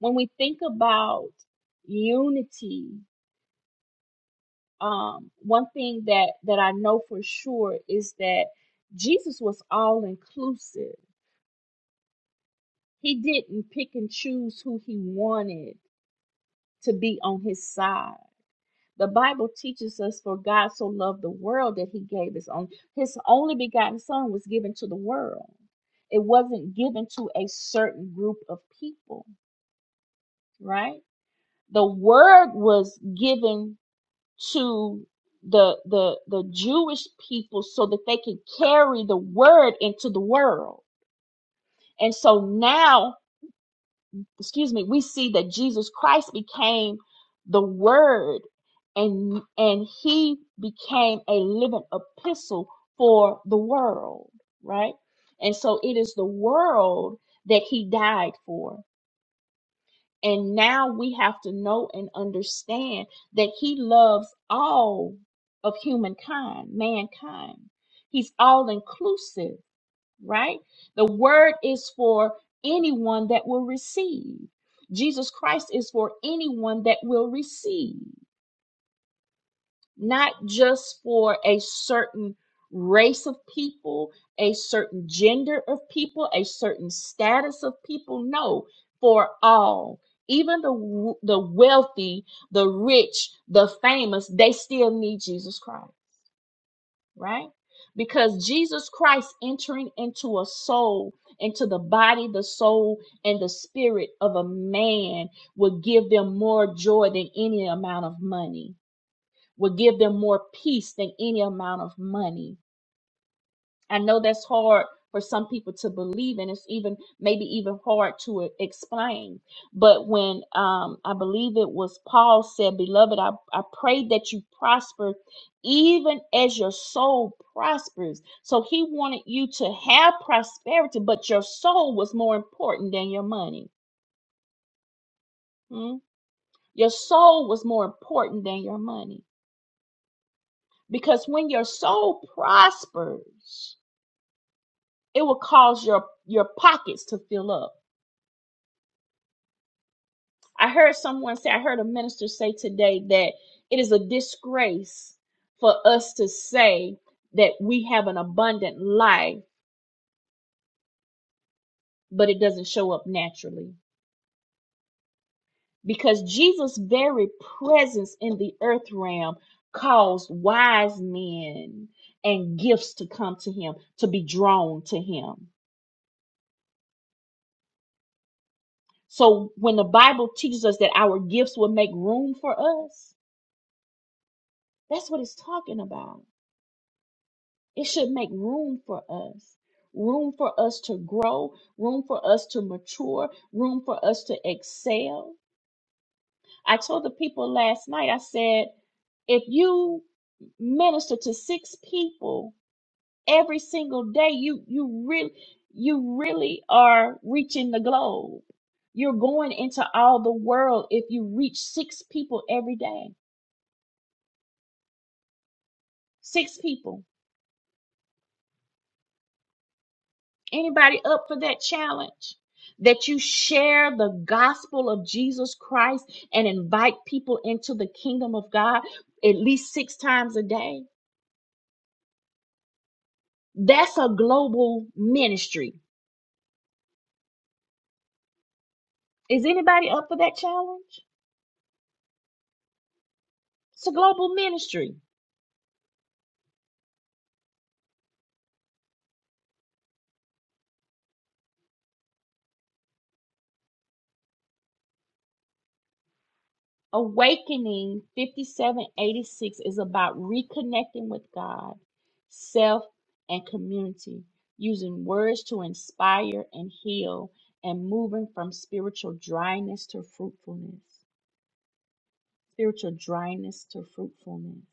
Speaker 1: when we think about unity, um, one thing that that I know for sure is that Jesus was all inclusive. He didn't pick and choose who he wanted to be on his side. The Bible teaches us for God so loved the world that he gave his own his only begotten son was given to the world. It wasn't given to a certain group of people, right? The word was given to the the the Jewish people so that they can carry the word into the world. And so now, excuse me, we see that Jesus Christ became the word and and he became a living epistle for the world, right? And so it is the world that he died for. And now we have to know and understand that He loves all of humankind, mankind. He's all inclusive, right? The word is for anyone that will receive. Jesus Christ is for anyone that will receive not just for a certain race of people, a certain gender of people, a certain status of people. No, for all. Even the w- the wealthy, the rich, the famous, they still need Jesus Christ, right? Because Jesus Christ entering into a soul, into the body, the soul, and the spirit of a man will give them more joy than any amount of money would give them more peace than any amount of money. I know that's hard for some people to believe, and it's even maybe even hard to e- explain. But when um, I believe it was Paul said, Beloved, I, I pray that you prosper even as your soul prospers. So he wanted you to have prosperity, but your soul was more important than your money. Hmm? Your soul was more important than your money. Because when your soul prospers, it will cause your your pockets to fill up. I heard someone say, I heard a minister say today that it is a disgrace for us to say that we have an abundant life, but it doesn't show up naturally. Because Jesus' very presence in the earth realm caused wise men and gifts to come to him, to be drawn to him. So when the Bible teaches us that our gifts will make room for us, that's what it's talking about It should make room for us. Room for us to grow, room for us to mature, room for us to excel. I told the people last night, I said, if you minister to six people every single day you you really you really are reaching the globe you're going into all the world if you reach six people every day six people Anybody up for that challenge? That you share the gospel of Jesus Christ and invite people into the kingdom of God at least six times a day? That's a global ministry. Is anybody up for that challenge? It's a global ministry. Awakening 5786 is about reconnecting with God, self, and community, using words to inspire and heal, and moving from spiritual dryness to fruitfulness. Spiritual dryness to fruitfulness.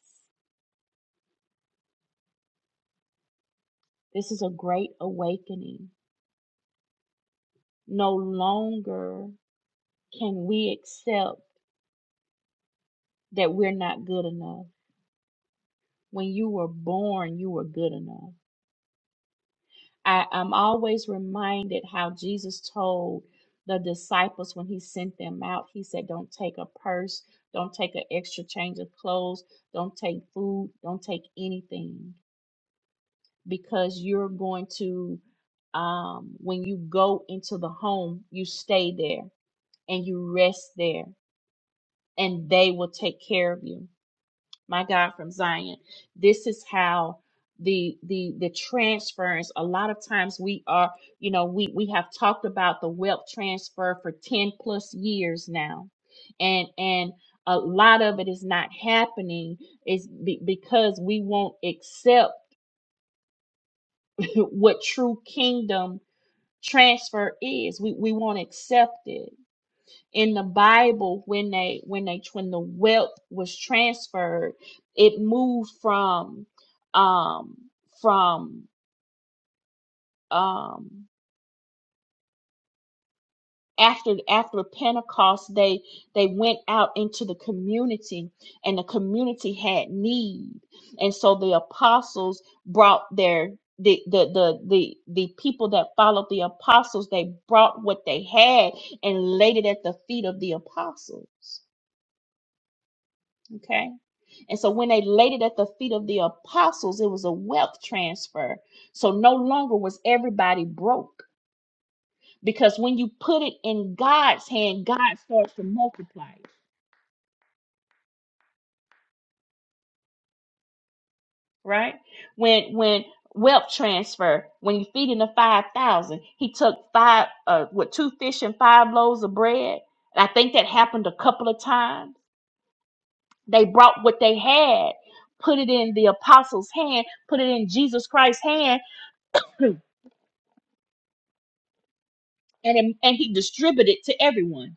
Speaker 1: This is a great awakening. No longer can we accept that we're not good enough. When you were born, you were good enough I, I'm always reminded how Jesus told the disciples when he sent them out, he said, Don't take a purse, don't take an extra change of clothes, don't take food, don't take anything, because you're going to, um, when you go into the home, you stay there and you rest there, and they will take care of you my God, from Zion. This is how the the the transference a lot of times we are you know we we have talked about the wealth transfer for 10 plus years now and and a lot of it is not happening is be, because we won't accept what true kingdom transfer is we we won't accept it in the Bible when they when they when the wealth was transferred, it moved from um from um after after Pentecost they they went out into the community and the community had need. And so the apostles brought their the, the the the the people that followed the apostles they brought what they had and laid it at the feet of the apostles okay And so when they laid it at the feet of the apostles, it was a wealth transfer. So no longer was everybody broke because when you put it in God's hand, God starts to multiply it, right? When when wealth transfer, when you feed in the 5,000, he took five uh what two fish and five loaves of bread. And I think that happened a couple of times. They brought what they had, put it in the apostles' hand, put it in Jesus Christ's hand, and it- and he distributed to everyone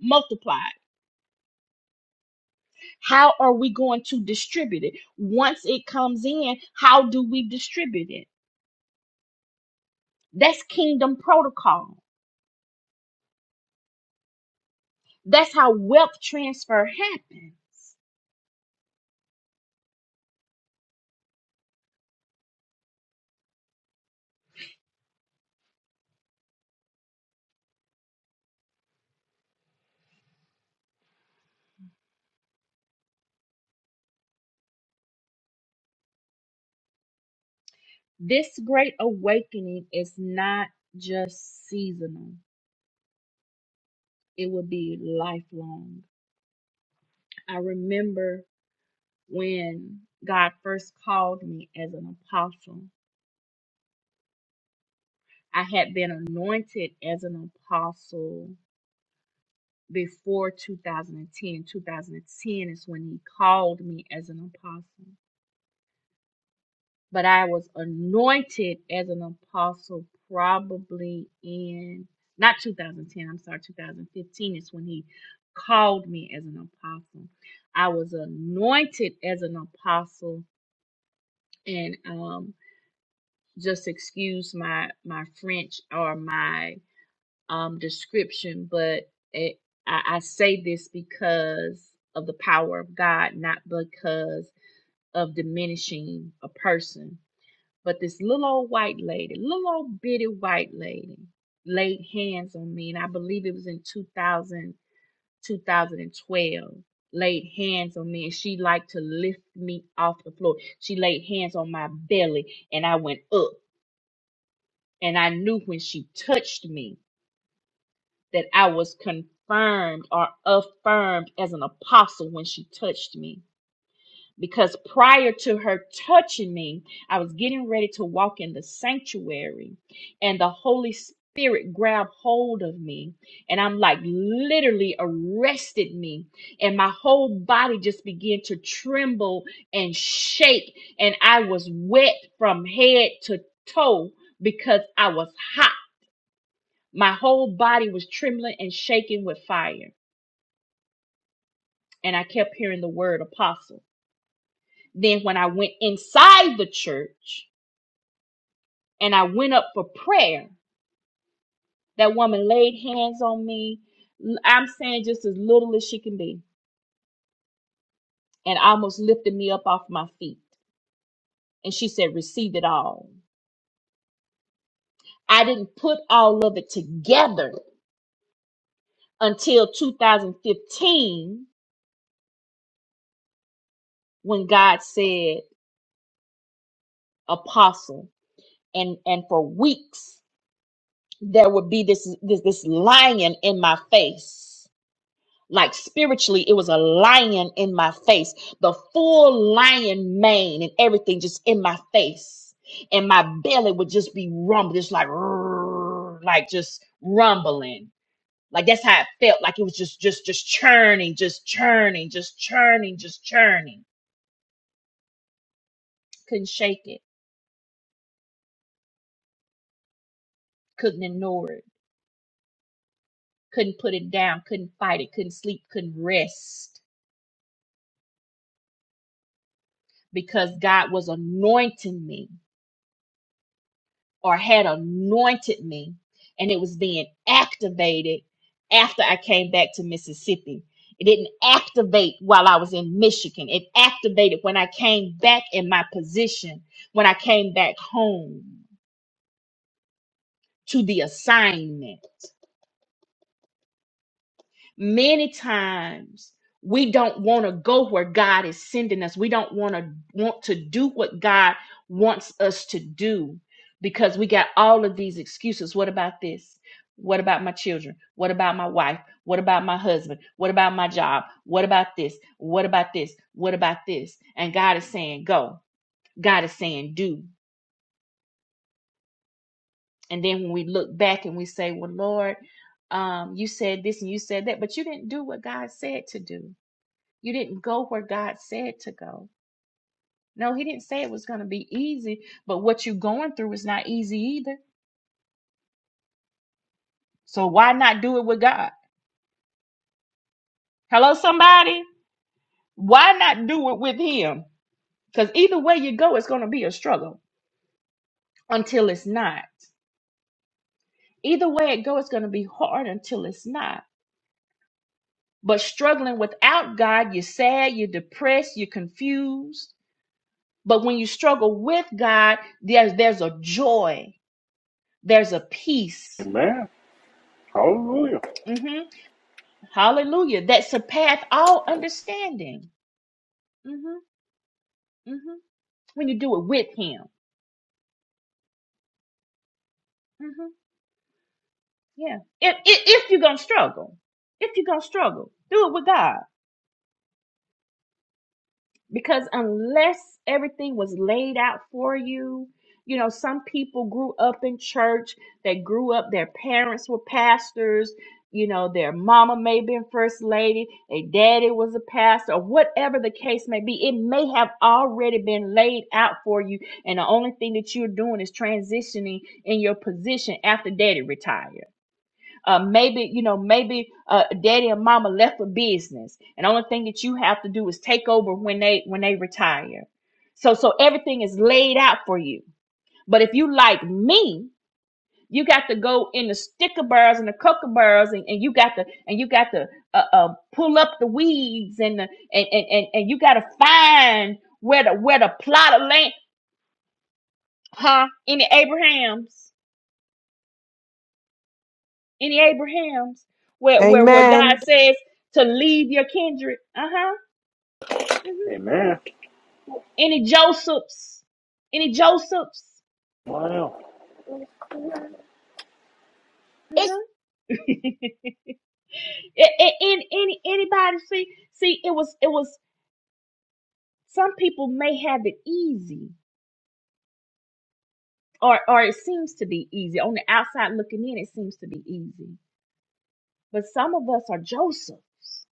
Speaker 1: multiplied how are we going to distribute it once it comes in how do we distribute it that's kingdom protocol that's how wealth transfer happens this great awakening is not just seasonal it will be lifelong i remember when god first called me as an apostle i had been anointed as an apostle before 2010. 2010 is when he called me as an apostle. But I was anointed as an apostle probably in not 2010, I'm sorry, 2015 is when he called me as an apostle. I was anointed as an apostle and um just excuse my my French or my um, description, but it, I, I say this because of the power of God, not because of diminishing a person. But this little old white lady, little old bitty white lady, laid hands on me, and I believe it was in 2000, Laid hands on me, and she liked to lift me off the floor. She laid hands on my belly, and I went up. And I knew when she touched me that I was confirmed or affirmed as an apostle when she touched me. Because prior to her touching me, I was getting ready to walk in the sanctuary, and the Holy Spirit grabbed hold of me, and I'm like literally arrested me, and my whole body just began to tremble and shake, and I was wet from head to toe because I was hot my whole body was trembling and shaking with fire. And I kept hearing the word apostle. Then, when I went inside the church and I went up for prayer, that woman laid hands on me. i I'm saying just as little as she can be, and almost lifted me up off my feet. And she said, Receive it all. I didn't put all of it together until 2015 when God said, Apostle. And, and for weeks there would be this this this lion in my face like spiritually it was a lion in my face the full lion mane and everything just in my face and my belly would just be rumbling just like "Rrrr," like just rumbling like that's how it felt like it was just just just churning just churning just churning just churning couldn't shake it couldn't ignore it couldn't put it down couldn't fight it couldn't sleep couldn't rest because God was anointing me or had anointed me, and it was being activated after I came back to Mississippi. It didn't activate while I was in Michigan. It activated when I came back in my position, when I came back home to the assignment. many times we don't want to go where God is sending us. We don't want to want to do what God wants us to do because we got all of these excuses. What about this? What about my children? What about my wife? What about my husband? What about my job? What about this? What about this? What about this? And God is saying, go. God is saying, do. And then when we look back and we say, well, Lord, um, you said this and you said that, but you didn't do what God said to do You didn't go where God said to go. No, He didn't say it was going to be easy, but what you're going through is not easy either. So why not do it with God? Hello, somebody? Why not do it with Him? Because either way you go, it's going to be a struggle until it's not. Either way it goes, it's going to be hard until it's not. But struggling without God, you're sad, you're depressed, you're confused. But when you struggle with God, there's there's a joy, there's a peace.
Speaker 7: Amen. Hallelujah.
Speaker 1: Mhm. Hallelujah. That surpass all understanding. hmm hmm When you do it with him. hmm Yeah. If, if, if you're going to struggle, if you're going to struggle, do it with God. because unless everything was laid out for you you know some people grew up in church they grew up their parents were pastors you know their mama may have been first lady their daddy was a pastor or whatever the case may be it may have already been laid out for you and the only thing that you're doing is transitioning in your position after daddy retired uh, maybe you know, maybe uh, daddy and mama left a business, and the only thing that you have to do is take over when they when they retire. So so everything is laid out for you. But if you like me, you got to go in the sticker bars and the coca bars, and, and you got to and you got to uh, uh, pull up the weeds, and the, and, and and and you got to find where the where the plot of land, huh? Any Abraham's? Any Abrahams where where where God
Speaker 4: Amen.
Speaker 1: says to leave your kindred? Uh huh. hmm
Speaker 7: Amen.
Speaker 1: Any Josephs? Any Josephs?
Speaker 7: Wow.
Speaker 1: Uh huh. A- a- any any anybody see see it was it was some people may have it easy or or it seems to be easy on the outside looking in it seems to be easy but some of us are josephs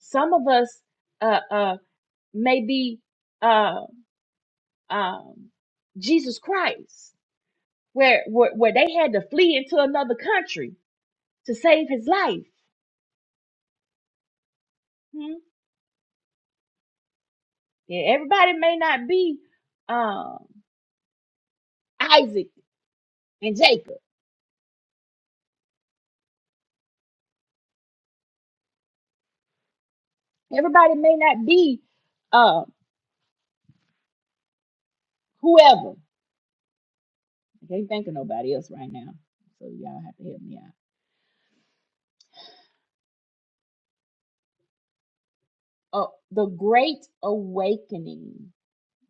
Speaker 1: some of us uh uh may be uh um jesus christ where, where where they had to flee into another country to save his life. Hmm? Yeah, everybody may not be um, Isaac and Jacob. Everybody may not be uh, whoever. I can't think of nobody else right now, so y'all have to help me out. Uh, the Great Awakening.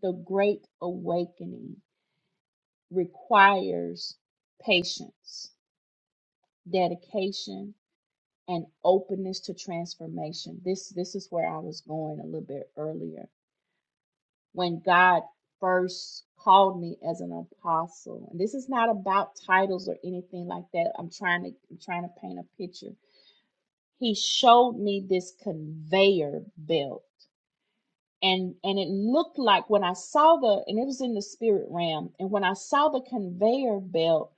Speaker 1: The Great Awakening requires patience, dedication, and openness to transformation. This this is where I was going a little bit earlier. When God first called me as an apostle, and this is not about titles or anything like that. I'm trying to I'm trying to paint a picture. He showed me this conveyor belt and and it looked like when I saw the and it was in the spirit realm and when I saw the conveyor belt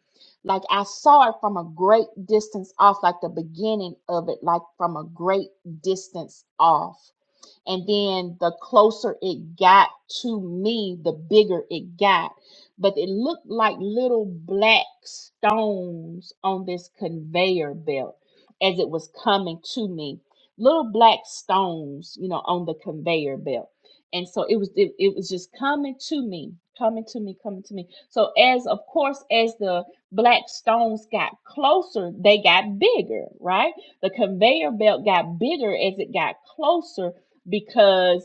Speaker 1: like I saw it from a great distance off like the beginning of it like from a great distance off and then the closer it got to me, the bigger it got. But it looked like little black stones on this conveyor belt as it was coming to me. Little black stones, you know, on the conveyor belt. And so it was it, it was just coming to me, coming to me, coming to me. So as of course as the black stones got closer, they got bigger, right? The conveyor belt got bigger as it got closer because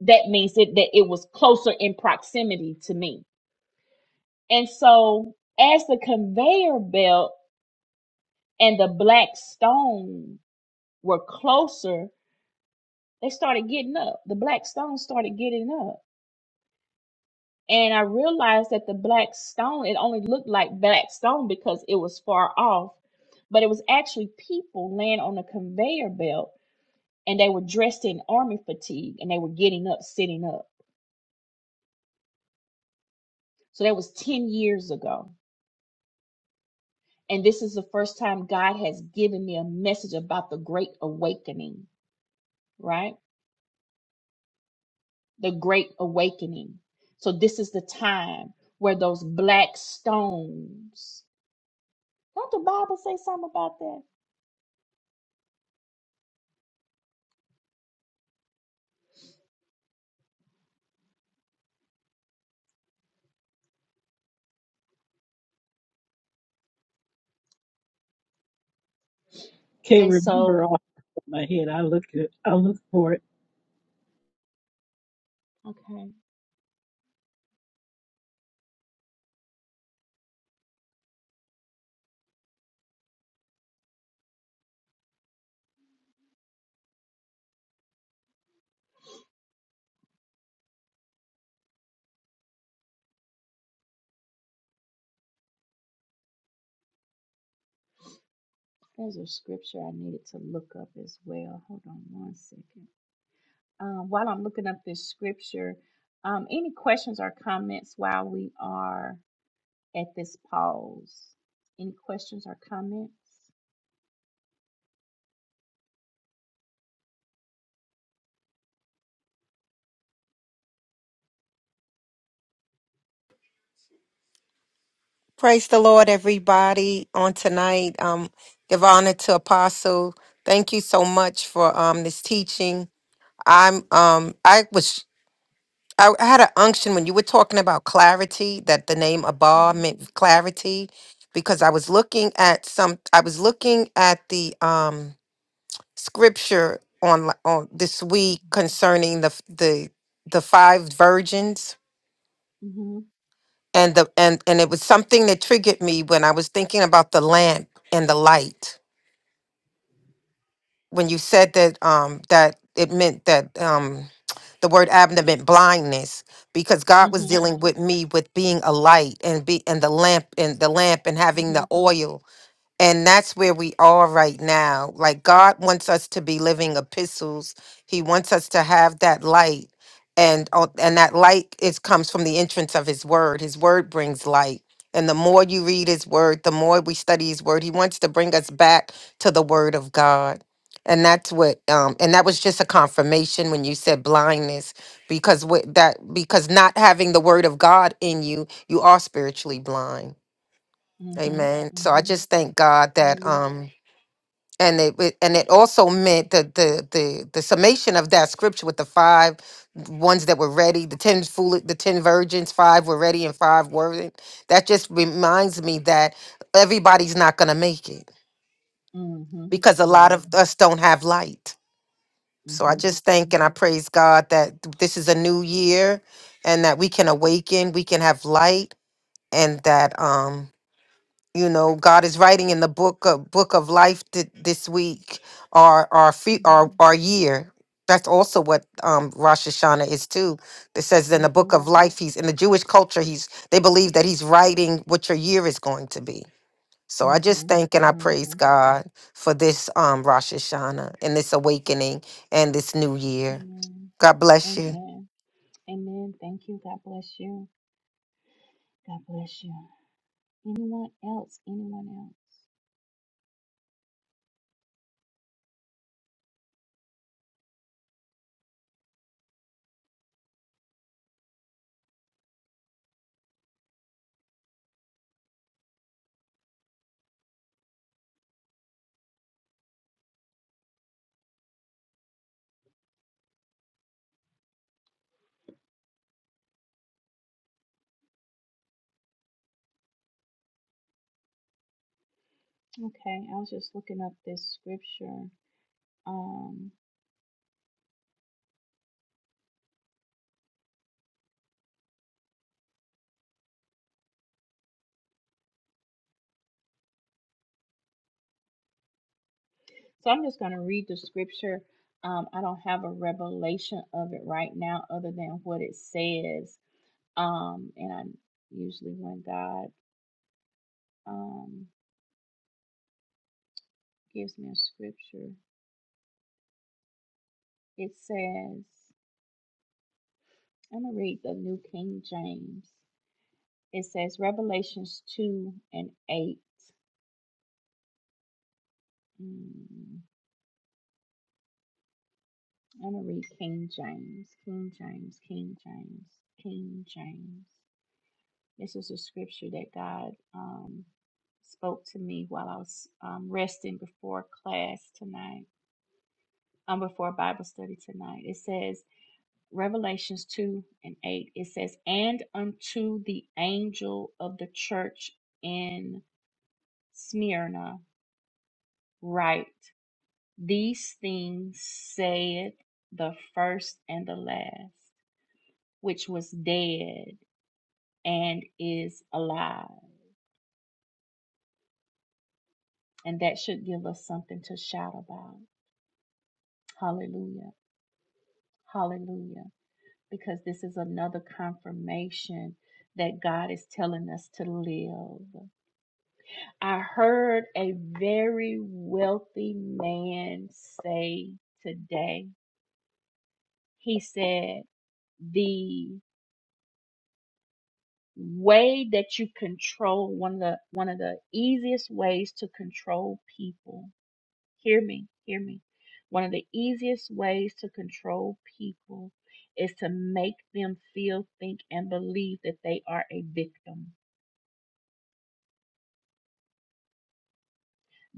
Speaker 1: that means it, that it was closer in proximity to me. And so as the conveyor belt and the black stone were closer, they started getting up. The black stone started getting up. And I realized that the black stone, it only looked like black stone because it was far off, but it was actually people laying on the conveyor belt and they were dressed in army fatigue and they were getting up, sitting up. So that was 10 years ago And this is the first time God has given me a message about the great awakening, right? The great awakening. So this is the time where those black stones. Don't the Bible say something about that?
Speaker 5: can't
Speaker 1: And so,
Speaker 5: remember off of my head. I look at, I look for it.
Speaker 1: okay, there's a scripture I needed to look up as well. Hold on one second. Um, while I'm looking up this scripture, um, any questions or comments while we are at this pause? Any questions or comments?
Speaker 4: Praise the Lord, everybody, on tonight. Um, give honor to Apostle. Thank you so much for um this teaching. I'm um I was I I had an unction when you were talking about clarity, that the name Abba
Speaker 1: Mhm.
Speaker 4: meant clarity, because I was looking at some I was looking at the um scripture on li- on this week concerning the f- the the five virgins
Speaker 1: Mhm.
Speaker 4: and the and and it was something that triggered me when I was thinking about the lamp and the light when you said that um that it meant that um the word abner meant blindness because God was
Speaker 1: Mhm.
Speaker 4: dealing with me with being a light and be and the lamp and the lamp and having the
Speaker 1: Mhm.
Speaker 4: oil And that's where we are right now. Like God wants us to be living epistles. He wants us to have that light. And on- and that light is comes from the entrance of his word. His word brings light. And the more you read his word, the more we study his word. He wants to bring us back to the word of God. And that's what um and that was just a confirmation when you said blindness because what that because not having the word of God in you, you are spiritually blind
Speaker 1: Mhm.
Speaker 4: Amen. So I
Speaker 1: Mhm.
Speaker 4: just thank God that
Speaker 1: Amen.
Speaker 4: um and it it- and it also meant that the the the summation of that scripture with the five ones that were ready, the ten fool the ten virgins, five were ready and five weren't. That just reminds me that everybody's not gonna make it
Speaker 1: Mhm.
Speaker 4: because a lot of
Speaker 1: Mhm.
Speaker 4: us don't have light. So I
Speaker 1: Mhm.
Speaker 4: just thank and
Speaker 1: Mhm.
Speaker 4: I praise God that th- this is a new year and that we can awaken, we can have light, and that um you know god is writing in the book of book of life th- this week our our fe- our
Speaker 1: Mhm.
Speaker 4: our year that's also what um rosh hashanah is too that says in the book
Speaker 1: Mhm.
Speaker 4: of life he's in the jewish culture he's they believe that he's writing what your year is going to be so i just
Speaker 1: Mhm.
Speaker 4: thank and i praise
Speaker 1: Mhm.
Speaker 4: god for this um rosh hashanah and this awakening and this new year
Speaker 1: Amen.
Speaker 4: god bless you
Speaker 1: Amen. Amen. Thank you. God bless you. God bless you. Anyone else? Anyone else? Okay, I was just looking up this scripture. Um, so I'm just going to read the scripture. Um, I don't have a revelation of it right now, other than what it says Um, and I usually when God um gives me a scripture, it says, I'm gonna read the New King James. It says Revelations two and eight. Mm, I'm gonna read King James, King James, King James, King James. This is a scripture that God um spoke to me while I was um, resting before class tonight, um, before Bible study tonight. It says. Revelations 2 and 8, it says, And unto the angel of the church in Smyrna write, These things saith the first and the last, which was dead and is alive. And that should give us something to shout about. Hallelujah. Hallelujah. Because this is another confirmation that God is telling us to live. I heard a very wealthy man say today, he said, the way that you control one of the one of the easiest ways to control people. Hear me, hear me. One of the easiest ways to control people is to make them feel, think, and believe that they are a victim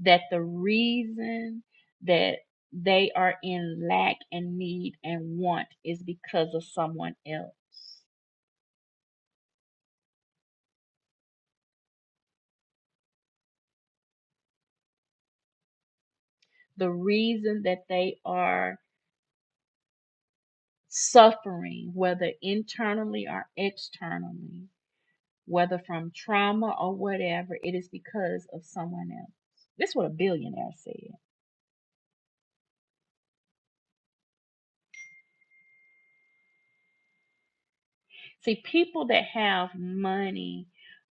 Speaker 1: that the reason that they are in lack and need and want is because of someone else. The reason that they are suffering, whether internally or externally, whether from trauma or whatever, it is because of someone else. This is what a billionaire said. See, people that have money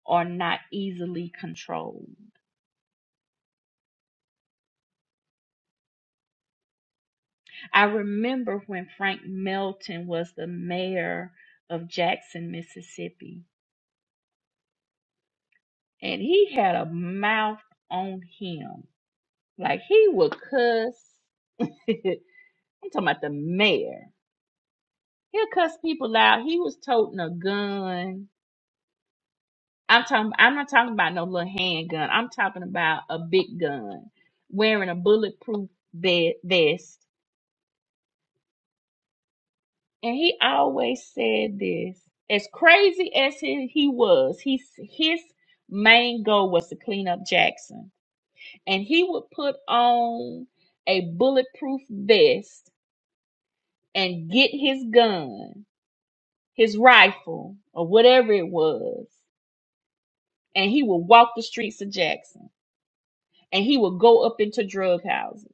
Speaker 1: are not easily controlled. I remember when Frank Melton was the mayor of Jackson, Mississippi, and he had a mouth on him. Like he would cuss. I'm talking about the mayor. He'll cuss people out. He was toting a gun. I'm talking I'm not talking about no little handgun. I'm talking about a big gun. Wearing a bulletproof ve- vest and he always said this as crazy as he, he was he, his main goal was to clean up jackson and he would put on a bulletproof vest and get his gun his rifle or whatever it was and he would walk the streets of jackson and he would go up into drug houses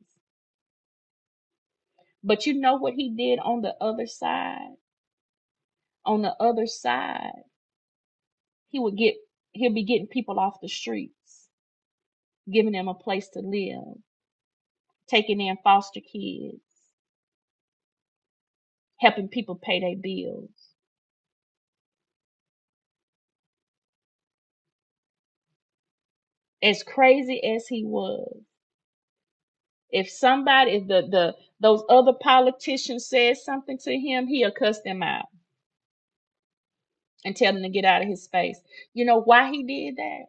Speaker 1: but you know what he did on the other side on the other side he would get he'll be getting people off the streets giving them a place to live, taking in foster kids, helping people pay their bills. As crazy as he was, if somebody, if the, the those other politicians said something to him, he'll cuss them out and tell them to get out of his space. You know why he did that?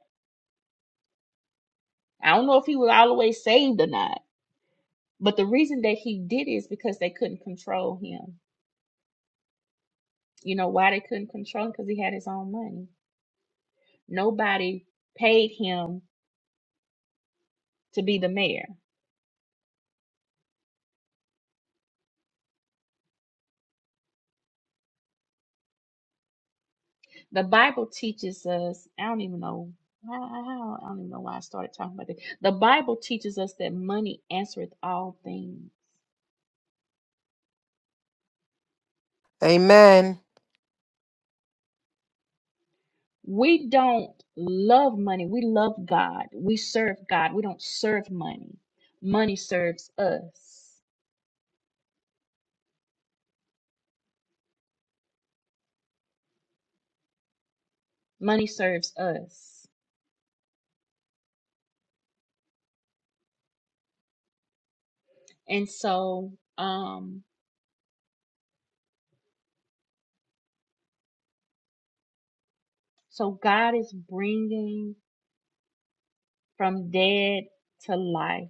Speaker 1: I don't know if he was always saved or not, but the reason that he did it is because they couldn't control him. You know why they couldn't control him? Because he had his own money. Nobody paid him to be the mayor The Bible teaches us, I don't even know how, how- I don't even know why I started talking about this. The Bible teaches us that money answereth all things.
Speaker 4: amen
Speaker 1: We don't love money. We love God. We serve God. We don't serve money. Money serves us. Money serves us. And so, um, so God is bringing from dead to life.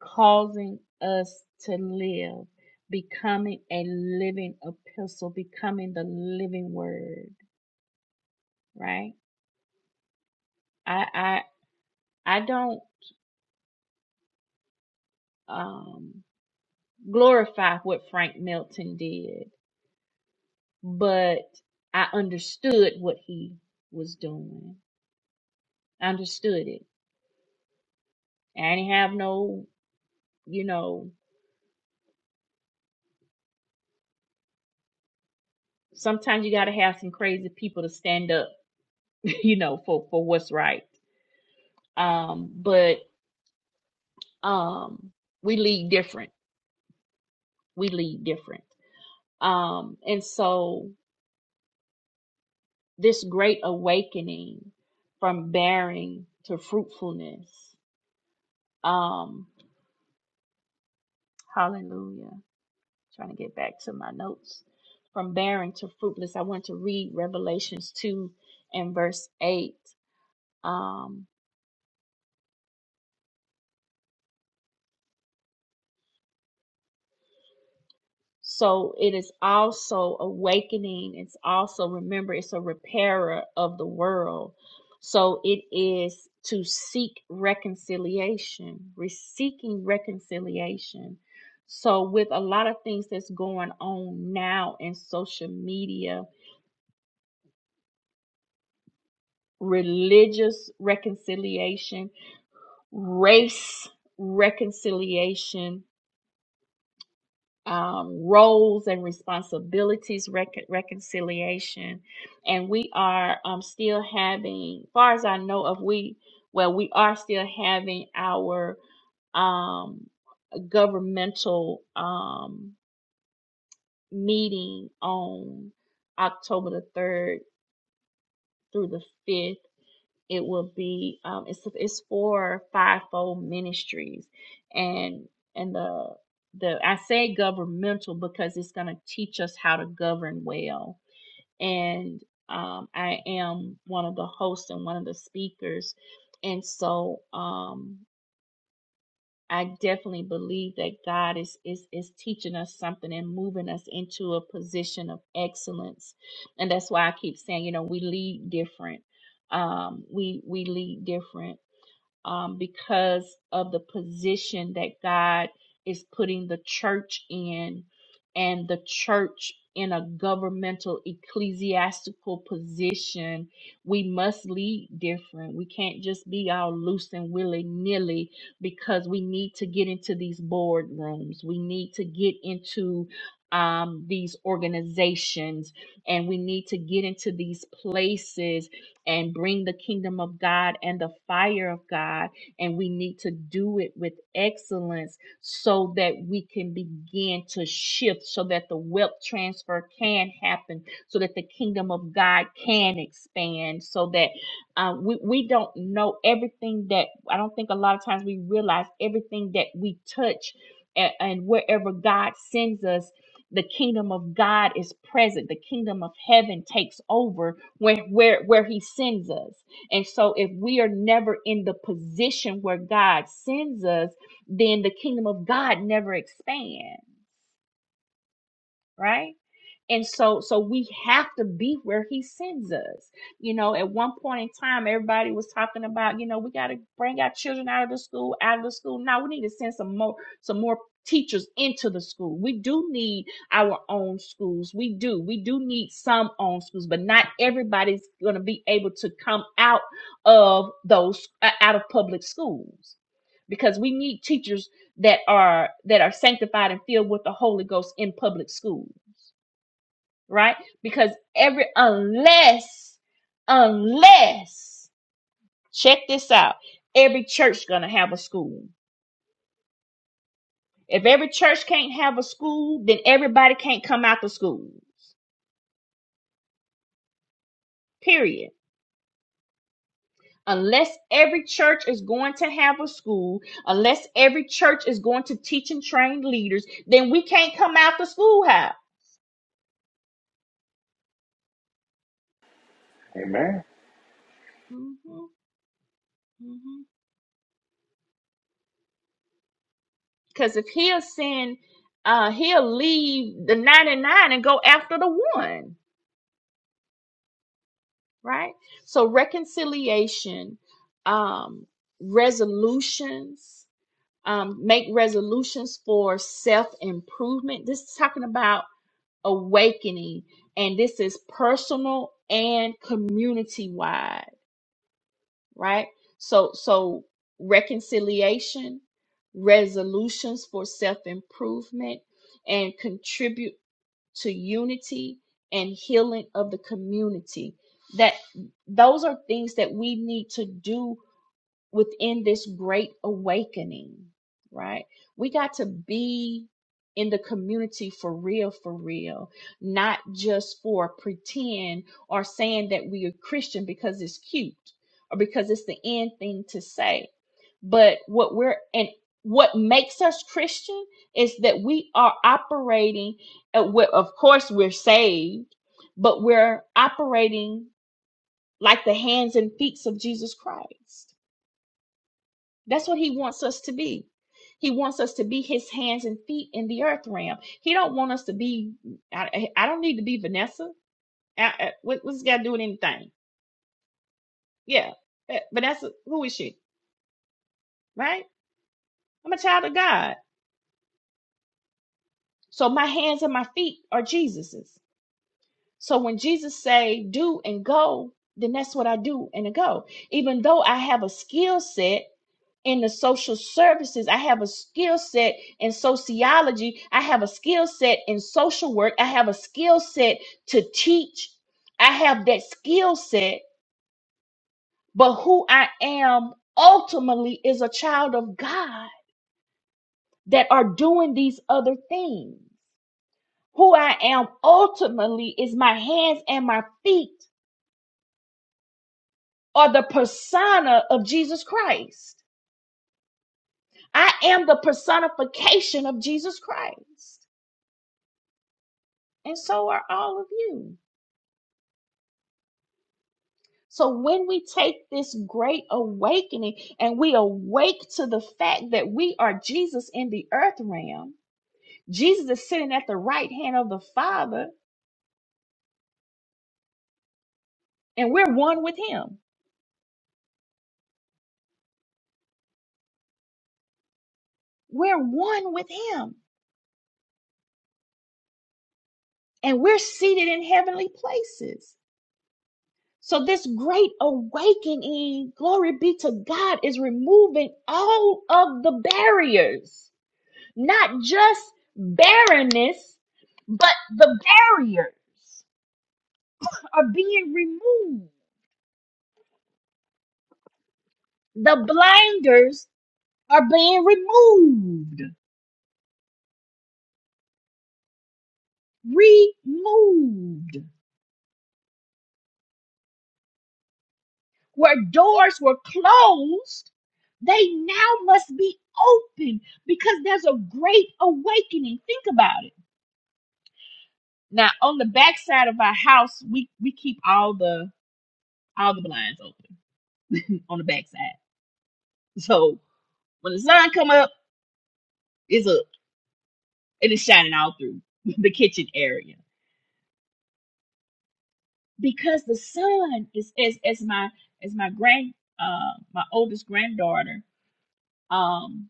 Speaker 1: causing us to live, becoming a living epistle, becoming the living word, right? I I I don't um glorify what Frank Melton did, but I understood what he was doing. I understood it. I didn't have no, you know, sometimes you gotta have some crazy people to stand up, you know, for, for what's right. Um, but um we lead different we lead different. Um, and so this great awakening from bearing to fruitfulness. Um, hallelujah. Trying to get back to my notes. From barren to fruitless, I want to read Revelations 2 and verse 8. Um, So it is also awakening. It's also, remember, it's a repairer of the world. So it is to seek reconciliation, re- seeking reconciliation. So, with a lot of things that's going on now in social media, religious reconciliation, race reconciliation, um, roles and responsibilities, rec- reconciliation, and we are um, still having, far as I know of, we well, we are still having our um, governmental um, meeting on October the third through the fifth it will be um, it's it's for fivefold ministries and and the the I say governmental because it's going to teach us how to govern well and um, I am one of the hosts and one of the speakers and so um, I definitely believe that God is is is teaching us something and moving us into a position of excellence and that's why I keep saying you know we lead different um we we lead different um, because of the position that God is putting the church in and the church in a governmental ecclesiastical position we must lead different we can't just be all loose and willy-nilly because we need to get into these boardrooms we need to get into um, these organizations and we need to get into these places and bring the kingdom of God and the fire of God. And we need to do it with excellence so that we can begin to shift, so that the wealth transfer can happen, so that the kingdom of God can expand, so that uh, we, we don't know everything that I don't think a lot of times we realize everything that we touch and, and wherever God sends us. The kingdom of God is present. The kingdom of heaven takes over where where where he sends us and so if we are never in the position where god sends us then the kingdom of god never expands right? And so so we have to be where he sends us. You know, at one point in time everybody was talking about, you know, we got to bring our children out of the school, out of the school. Now we need to send some more some more teachers into the school. We do need our own schools. We do. We do need some own schools, but not everybody's going to be able to come out of those uh, out of public schools because we need teachers that are that are sanctified and filled with the Holy Ghost in public schools, right? Because every unless unless check this out, every church gonna have a school. If every church can't have a school, then everybody can't come out the schools. Period. Unless every church is going to have a school, unless every church is going to teach and train leaders, then we can't come out the schoolhouse.
Speaker 7: Amen.
Speaker 1: Mhm, mhm. Because if he'll send, uh, he'll leave the 99 and go after the one, right? So reconciliation, um, resolutions, um, make resolutions for self improvement. This is talking about awakening, and this is personal and community wide, right? So, so reconciliation, resolutions for self improvement, and contribute to unity and healing of the community. That those are things that we need to do within this great awakening, right? We got to be in the community for real, for real, not just for pretend or saying that we are Christian because it's cute or because it's the end thing to say but what we're and what makes us Christian is that we are operating. uh, we- Of course, we're saved, but we're operating like the hands and feet of Jesus Christ. That's what He wants us to be. He wants us to be His hands and feet in the earth realm. He don't want us to be. I, I don't need to be Vanessa. I, I, what, what's got to do with anything? Yeah, eh, Vanessa. Who is she? Right? I'm a child of God. So my hands and my feet are Jesus's. So when Jesus say do and go, then that's what I do and I go. Even though I have a skill set in the social services. I have a skill set in sociology. I have a skill set in social work. I have a skill set to teach. I have that skill set, but who I am ultimately is a child of God that are doing these other things. Who I am ultimately is my hands and my feet or the persona of Jesus Christ. I am the personification of Jesus Christ. And so are all of you. So when we take this great awakening and we awake to the fact that we are Jesus in the earth realm, Jesus is sitting at the right hand of the Father, and we're one with him. We're one with him, and we're seated in heavenly places. So this great awakening, glory be to God, is removing all of the barriers, not just barrenness, but the barriers are being removed. The blinders are being removed, removed. Where doors were closed, they now must be open because there's a great awakening. Think about it Now on the back side of our house, we we keep all the all the blinds open on the back side. So when the sun come up, it's up and it's shining all through the kitchen area because the sun is as as my as my grand uh my oldest granddaughter um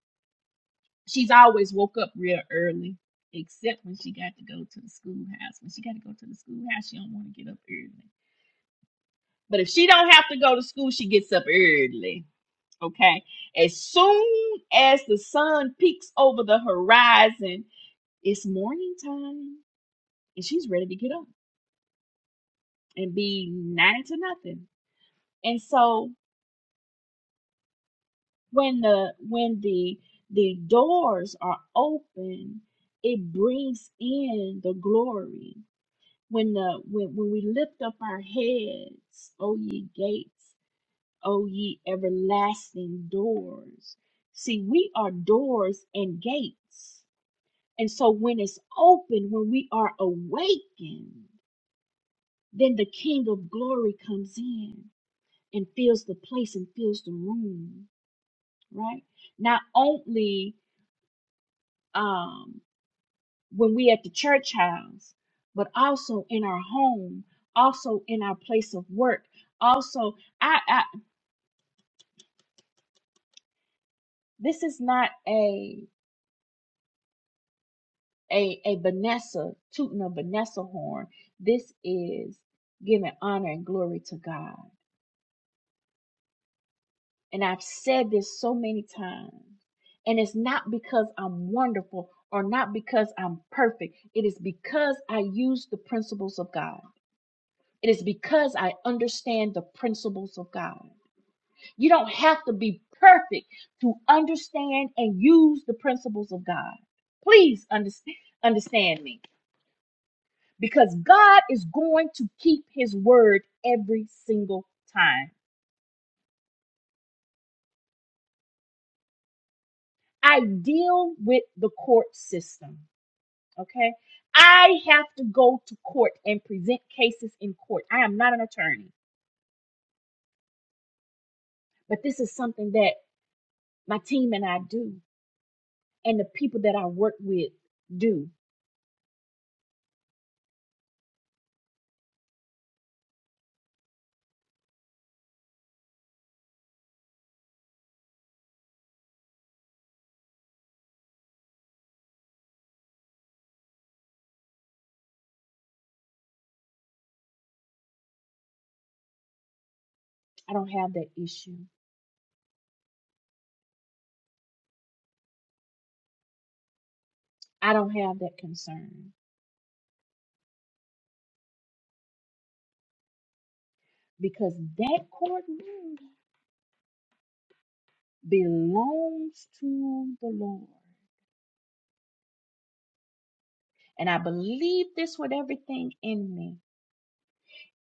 Speaker 1: she's always woke up real early except when she got to go to the schoolhouse when she got to go to the schoolhouse she don't want to get up early but if she don't have to go to school she gets up early Okay. As soon as the sun peeks over the horizon, it's morning time and she's ready to get up and be nine to nothing. And so when the when the the doors are open, it brings in the glory. When the when, when we lift up our heads, O ye gates, O ye everlasting doors. See, we are doors and gates And so when it's open, when we are awakened, then the King of Glory comes in and fills the place and fills the room, right? Not only um, when we at the church house, but also in our home, also in our place of work. Also, I, I this is not a a a Vanessa tooting a Vanessa horn. This is giving honor and glory to God And I've said this so many times. And it's not because I'm wonderful or not because I'm perfect. It is because I use the principles of God. It is because I understand the principles of God. You don't have to be perfect to understand and use the principles of God. Please understand, understand me because God is going to keep his word every single time. I deal with the court system. Okay. I have to go to court and present cases in court. I am not an attorney, but this is something that my team and I do, and the people that I work with do. I don't have that issue. I don't have that concern because that courtroom belongs to the Lord. And I believe this with everything in me.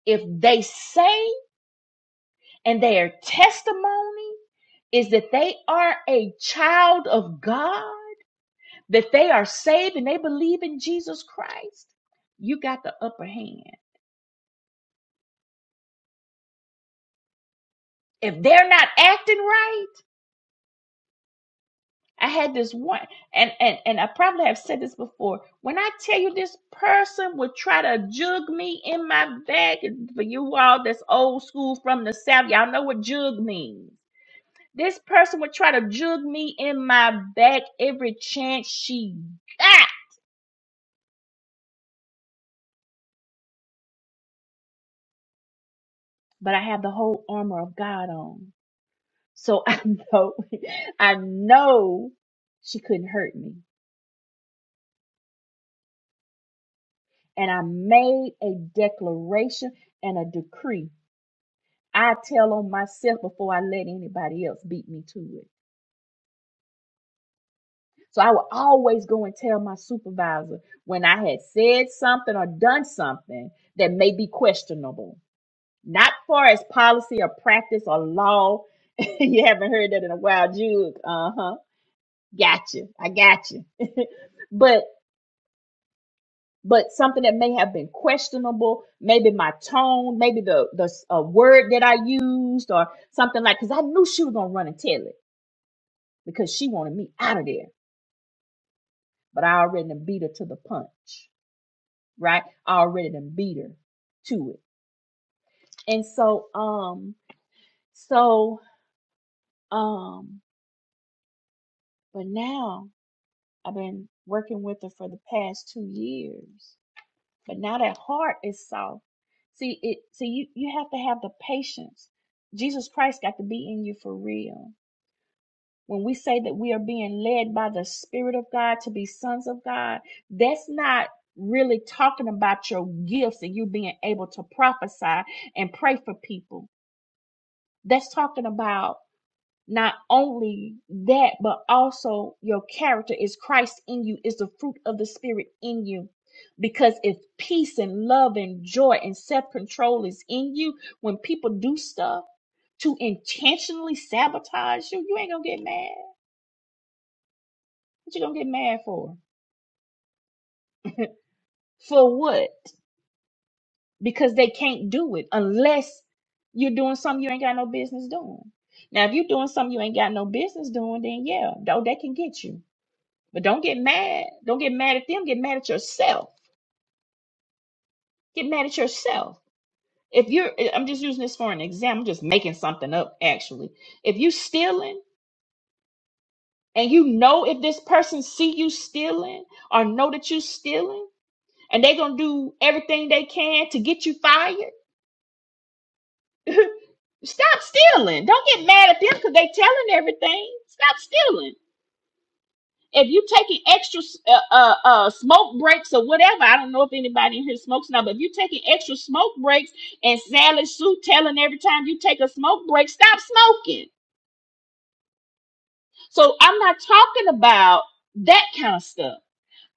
Speaker 1: If they say and their testimony is that they are a child of God, that they are saved and they believe in Jesus Christ, you got the upper hand. If they're not acting right, I had this one, and and and I probably have said this before. When I tell you this person would try to jug me in my bag, and for you all that's old school from the south, y'all know what jug means. This person would try to jug me in my back every chance she got, but I have the whole armor of God on. So I know, I know she couldn't hurt me. And I made a declaration and a decree. I tell on myself before I let anybody else beat me to it. So I would always go and tell my supervisor when I had said something or done something that may be questionable. Not far as policy or practice or law. you haven't heard that in a while, Jude. Uh huh. Gotcha. I gotcha. but but something that may have been questionable maybe my tone maybe the the uh, word that i used or something like because i knew she was going to run and tell it because she wanted me out of there but i already done beat her to the punch right i already done beat her to it and so um so um but now i've been working with her for the past two years But now that heart is soft. See it see you you have to have the patience. Jesus Christ got to be in you for real. When we say that we are being led by the Spirit of God to be sons of God, that's not really talking about your gifts and you being able to prophesy and pray for people. That's talking about not only that, but also your character is Christ in you, is the fruit of the Spirit in you. Because if peace and love and joy and self control is in you, when people do stuff to intentionally sabotage you, you ain't gonna get mad. What you gonna get mad for? For what? Because they can't do it unless you're doing something you ain't got no business doing. Now, if you're doing something you ain't got no business doing, then yeah, though they can get you But don't get mad. Don't get mad at them. Get mad at yourself. Get mad at yourself. If you're, I'm just using this for an example, I'm just making something up actually. If you stealing and you know if this person see you stealing or know that you stealing and they going to do everything they can to get you fired, stop stealing. Don't get mad at them because they telling everything. Stop stealing if you taking extra uh, uh, uh, smoke breaks or whatever, I don't know if anybody in here smokes now, but if you taking extra smoke breaks and Sally Sue telling every time you take a smoke break, stop smoking. So I'm not talking about that kind of stuff.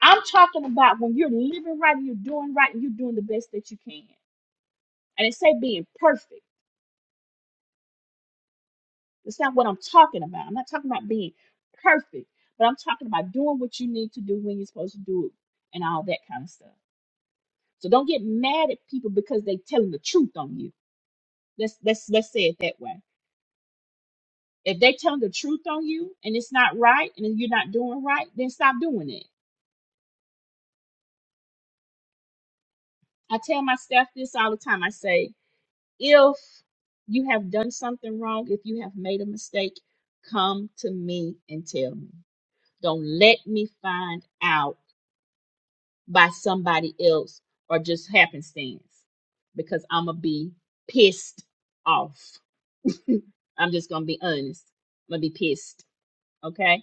Speaker 1: I'm talking about when you're living right and you're doing right and you're doing the best that you can. I didn't say being perfect. That's not what I'm talking about. I'm not talking about being perfect, but I'm talking about doing what you need to do when you're supposed to do it and all that kind of stuff. So don't get mad at people because they telling the truth on you. Let's let's let's say it that way. If they telling the truth on you and it's not right and you're not doing right, then stop doing it. I tell my staff this all the time. I say, if you have done something wrong, if you have made a mistake, come to me and tell me. Don't let me find out by somebody else or just happenstance because I'm going to be pissed off. I'm just gonna be honest. I'm gonna be pissed. Okay.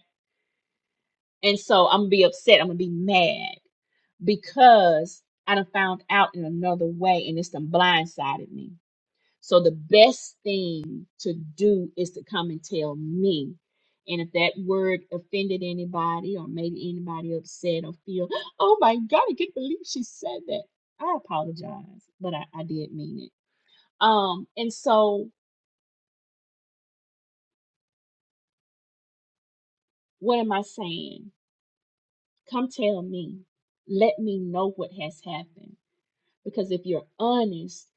Speaker 1: And so I'm gonna be upset. I'm gonna be mad because I done found out in another way and it's done blindsided me. So the best thing to do is to come and tell me. And if that word offended anybody or made anybody upset or feel, oh my God, I can't believe she said that. I apologize, but I, I did mean it. Um, and so what am I saying? Come tell me. Let me know what has happened. Because if you're honest,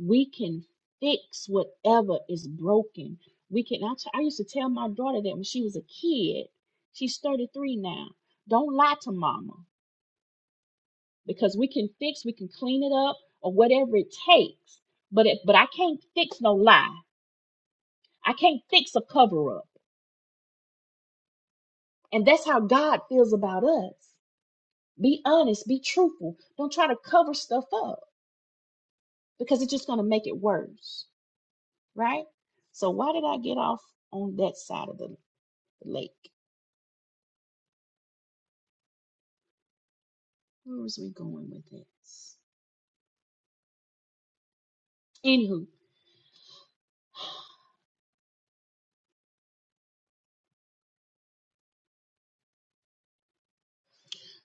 Speaker 1: we can fix whatever is broken. We can. I, t- I used to tell my daughter that when she was a kid. She's 33 now. Don't lie to mama because we can fix, we can clean it up or whatever it takes. But it, but I can't fix no lie. I can't fix a cover up. And that's how God feels about us. Be honest, be truthful. Don't try to cover stuff up because it's just going to make it worse, right? So why did I get off on that side of the, lake? Where was we going with this? Anywho,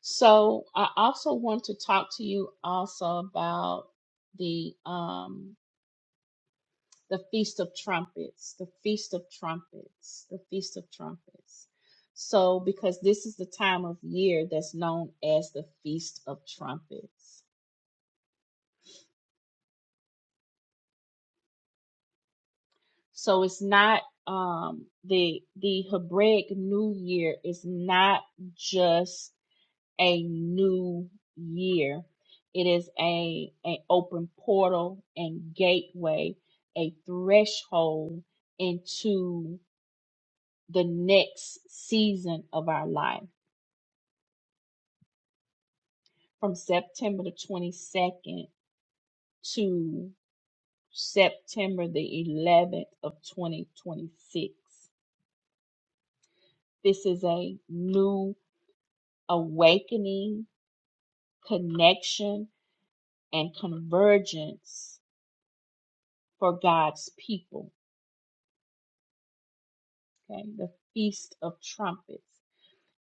Speaker 1: so I also want to talk to you also about the um the feast of trumpets, the feast of trumpets, the feast of trumpets. So because this is the time of year that's known as the feast of trumpets. So it's not um the the Hebraic New Year is not just a new year. It is a an open portal and gateway, a threshold into the next season of our life from September the 22nd to September the 11th of 2026. This is a new awakening, connection, and convergence for God's people. Okay, the Feast of Trumpets.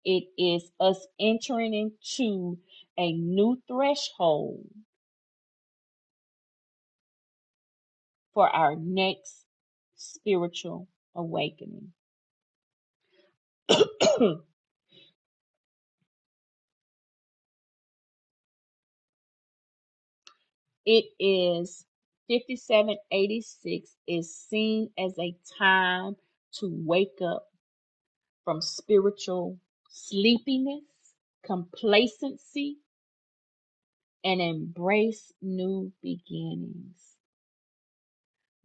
Speaker 1: It is us entering into a new threshold for our next spiritual awakening. it is 5786 is seen as a time to wake up from spiritual sleepiness, complacency, and embrace new beginnings.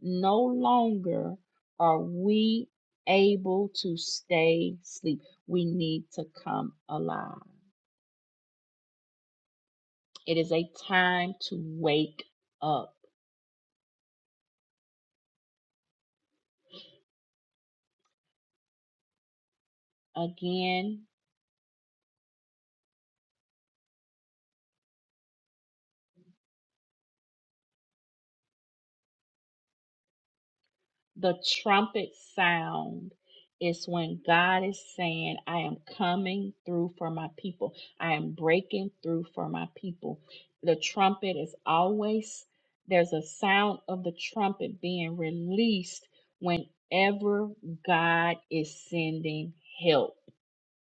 Speaker 1: No longer are we able to stay asleep. We need to come alive. It is a time to wake up again The trumpet sound is when God is saying, I am coming through for my people. I am breaking through for my people. The trumpet is always, there's a sound of the trumpet being released whenever God is sending help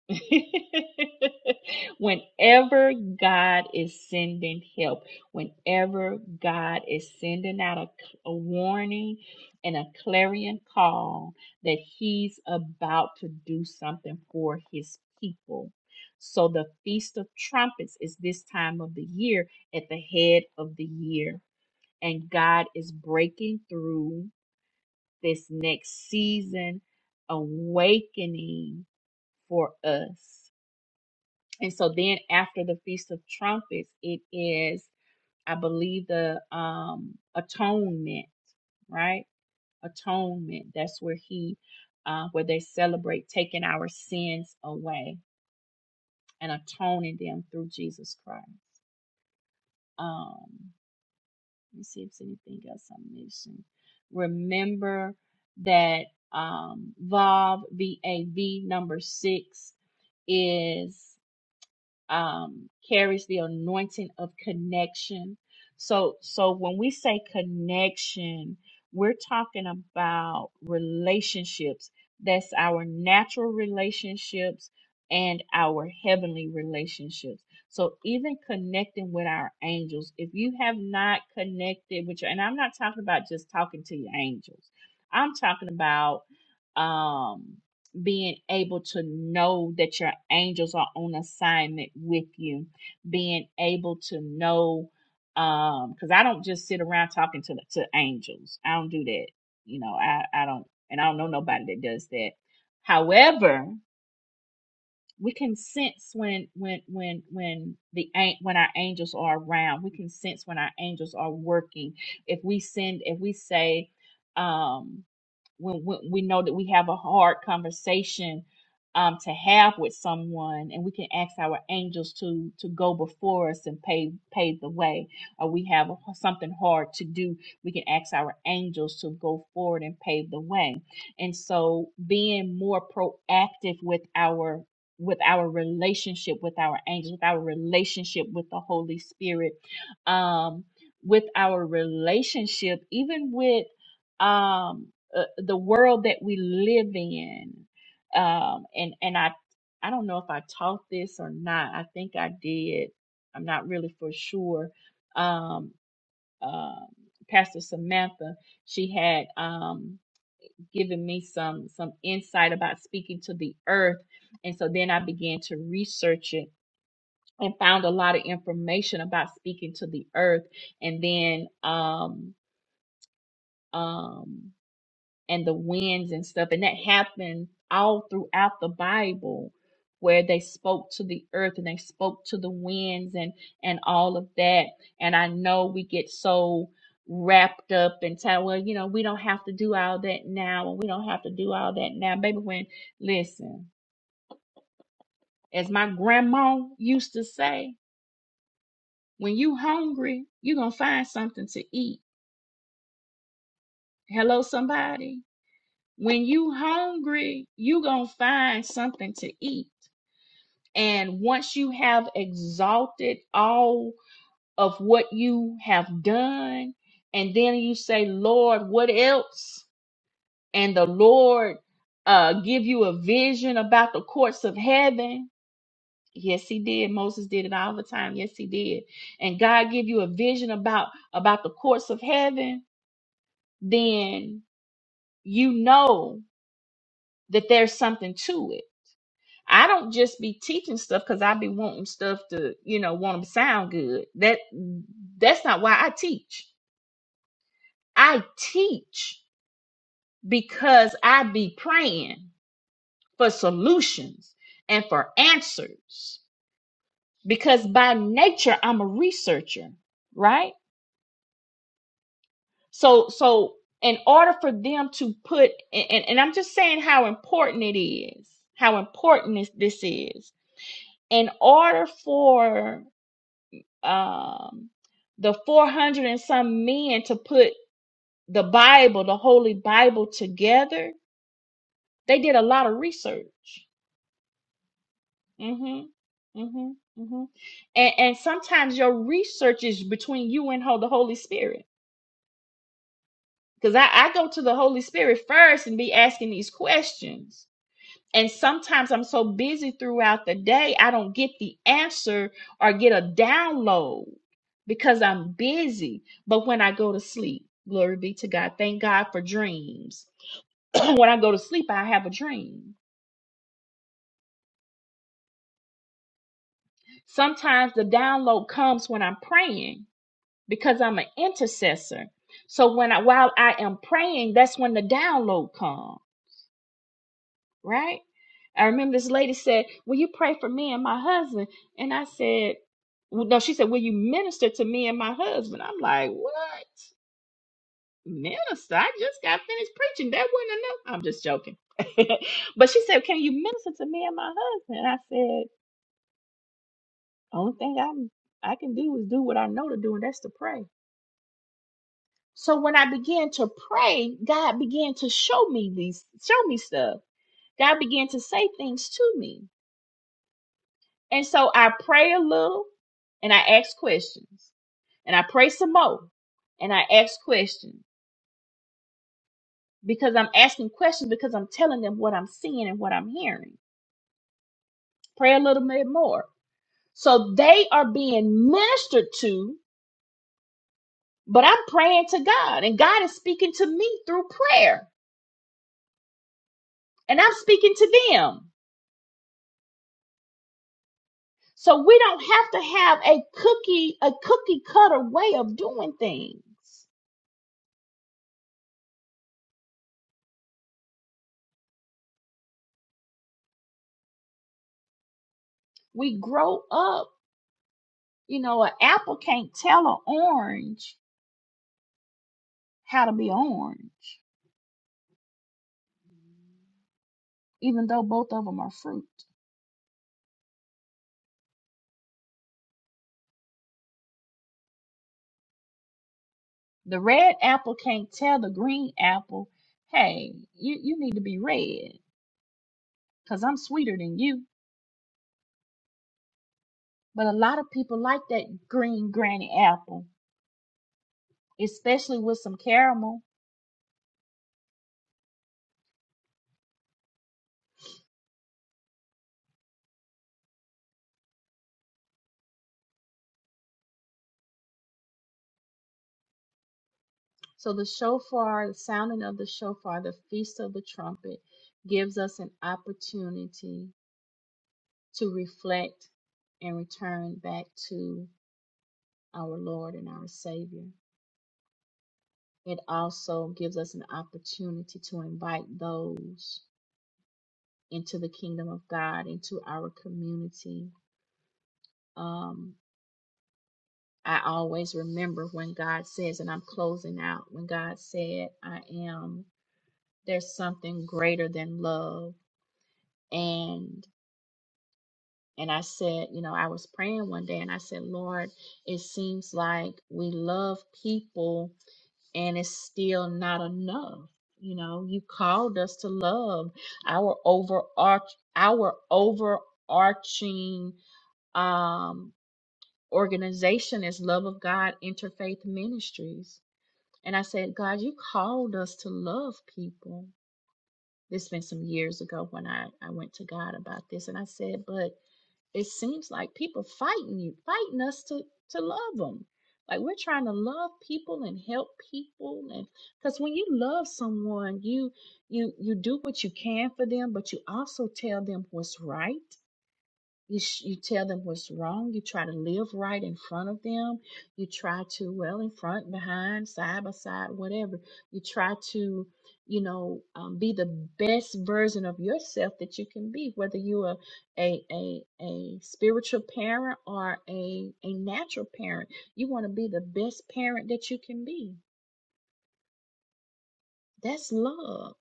Speaker 1: whenever God is sending help, whenever God is sending out a, a warning and a clarion call that He's about to do something for His people. So, the Feast of Trumpets is this time of the year at the head of the year, and God is breaking through this next season awakening for us. And so then after the Feast of Trumpets, it is, I believe, the um atonement, right? Atonement. That's where he uh where they celebrate taking our sins away and atoning them through Jesus Christ. Um, let me see if there's anything else I'm missing. Remember that um Vav V A V number six is. um, carries the anointing of connection. So, so when we say connection, we're talking about relationships. That's our natural relationships and our heavenly relationships. So even connecting with our angels, if you have not connected with your, and I'm not talking about just talking to your angels. I'm talking about, um being able to know that your angels are on assignment with you, being able to know, um, because I don't just sit around talking to to angels. I don't do that. You know, I I don't, and I don't know nobody that does that. However, we can sense when when when when the an- when our angels are around. We can sense when our angels are working. If we send, if we say, um when, when we know that we have a hard conversation um, to have with someone, and we can ask our angels to to go before us and pave pave the way, or we have something hard to do, we can ask our angels to go forward and pave the way. And so, being more proactive with our with our relationship with our angels, with our relationship with the Holy Spirit, um, with our relationship, even with um uh, the world that we live in um and and i i don't know if i taught this or not i think i did i'm not really for sure um um pastor samantha she had um given me some some insight about speaking to the earth and so then i began to research it and found a lot of information about speaking to the earth and then um um and the winds and stuff. And that happened all throughout the Bible where they spoke to the earth and they spoke to the winds and and all of that. And I know we get so wrapped up and tell well, you know, we don't have to do all that now and we don't have to do all that now. Baby when listen, as my grandma used to say, when you hungry, you gonna find something to eat. Hello somebody. When you hungry, you gonna find something to eat And once you have exalted all of what you have done, and then you say, Lord, what else? And the Lord uh, give you a vision about the courts of heaven. Yes, he did. Moses did it all the time. Yes, he did. And God give you a vision about about the courts of heaven. Then you know that there's something to it I don't just be teaching stuff because I be wanting stuff to, you know, want 'em to sound good. That that's not why I teach. I teach because I be praying for solutions and for answers. Because by nature I'm a researcher, right? So so in order for them to put and, and and I'm just saying how important it is, how important this, this is. In order for um, the 400 and some men to put the Bible, the Holy Bible together, they did a lot of research. hmm hmm hmm And, and sometimes your research is between you and ho- the Holy Spirit. Because I, I go to the Holy Spirit first and be asking these questions. And sometimes I'm so busy throughout the day, I don't get the answer or get a download because I'm busy. But when I go to sleep, glory be to God, thank God for dreams. when I go to sleep, I have a dream. Sometimes the download comes when I'm praying because I'm an intercessor. So when I while I am praying, that's when the download comes. right? I remember this lady said, Will you pray for me and my husband? And I said, well, No, she said, Will you minister to me and my husband? I'm like, What? Minister? I just got finished preaching. That wasn't enough. I'm just joking. but she said, Can you minister to me and my husband? And I said, Only thing I'm I can do is do what I know to do, and that's to pray. So when I began to pray, God began to show me these, show me stuff. God began to say things to me. And so I pray a little and I ask questions and I pray some more and I ask questions because I'm asking questions because I'm telling them what I'm seeing and what I'm hearing. Pray a little bit more. So they are being ministered to, but I'm praying to God and God is speaking to me through prayer and I'm speaking to them. So we don't have to have a cookie, a cookie cutter way of doing things. We grow up You know, an apple can't tell an orange how to be orange, even though both of them are fruit. The red apple can't tell the green apple, hey, you, you need to be red because I'm sweeter than you. But a lot of people like that green granny apple, especially with some caramel. So the shofar, the sounding of the shofar, the feast of the trumpet, gives us an opportunity to reflect and return back to our Lord and our Savior. It also gives us an opportunity to invite those into the kingdom of God, into our community. Um, I always remember when God says, and I'm closing out, when God said, I am, there's something greater than love. And and I said, you know, I was praying one day and I said, Lord, it seems like we love people and it's still not enough. You know, you called us to love our overarch our overarching um organization is Love of God Interfaith Ministries. And I said, God, you called us to love people. This has been some years ago when I, I went to God about this and I said, but it seems like people fighting you, fighting us to to love them. Like we're trying to love people and help people, and because when you love someone, you you you do what you can for them, but you also tell them what's right. You, sh- you tell them what's wrong. You try to live right in front of them. You try to, well, in front, behind, side by side, whatever. You try to, you know, um, be the best version of yourself that you can be, whether you are a, a, a spiritual parent or a, a natural parent. You want to be the best parent that you can be. That's love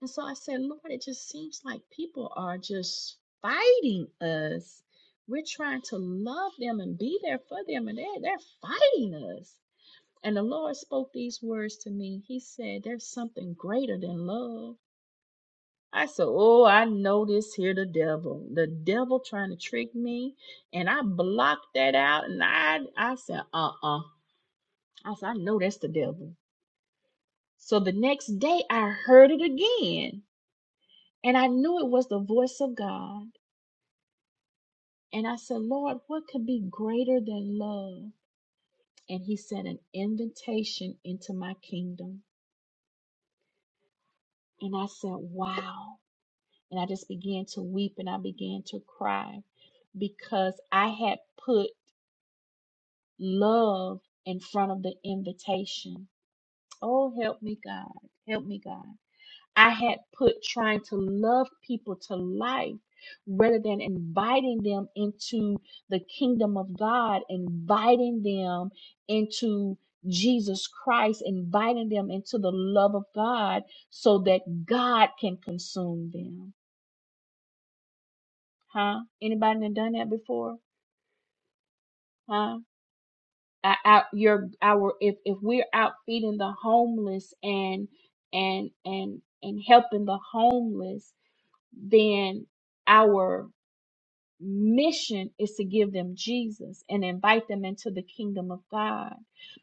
Speaker 1: and so I said, Lord, it just seems like people are just fighting us. We're trying to love them and be there for them, and they're, they're fighting us. And the Lord spoke these words to me. He said, There's something greater than love. I said, Oh, I know this here, the devil. The devil trying to trick me. And I blocked that out. And I, I said, Uh uh. I said, I know that's the devil. So the next day I heard it again. And I knew it was the voice of God. And I said, Lord, what could be greater than love? And he sent an invitation into my kingdom. And I said, wow. And I just began to weep and I began to cry because I had put love in front of the invitation. Oh, help me, God. Help me, God. I had put trying to love people to life rather than inviting them into the kingdom of God, inviting them into Jesus Christ, inviting them into the love of God so that God can consume them. Huh? Anybody done done that before? Huh? I, I, your, our, if, if we're out feeding the homeless and, and, and, and helping the homeless, then our mission is to give them Jesus and invite them into the kingdom of God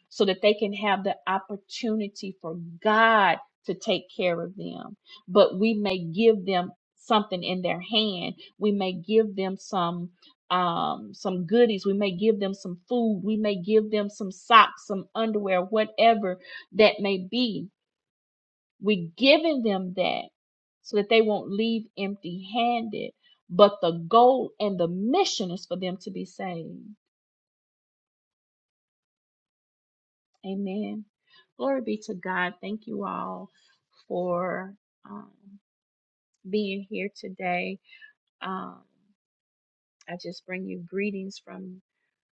Speaker 1: so that they can have the opportunity for God to take care of them. But we may give them something in their hand. We may give them some um some goodies we may give them some food we may give them some socks some underwear whatever that may be we're giving them that so that they won't leave empty handed. But the goal and the mission is for them to be saved. Amen. Glory be to God. Thank you all for um, being here today. Um, I just bring you greetings from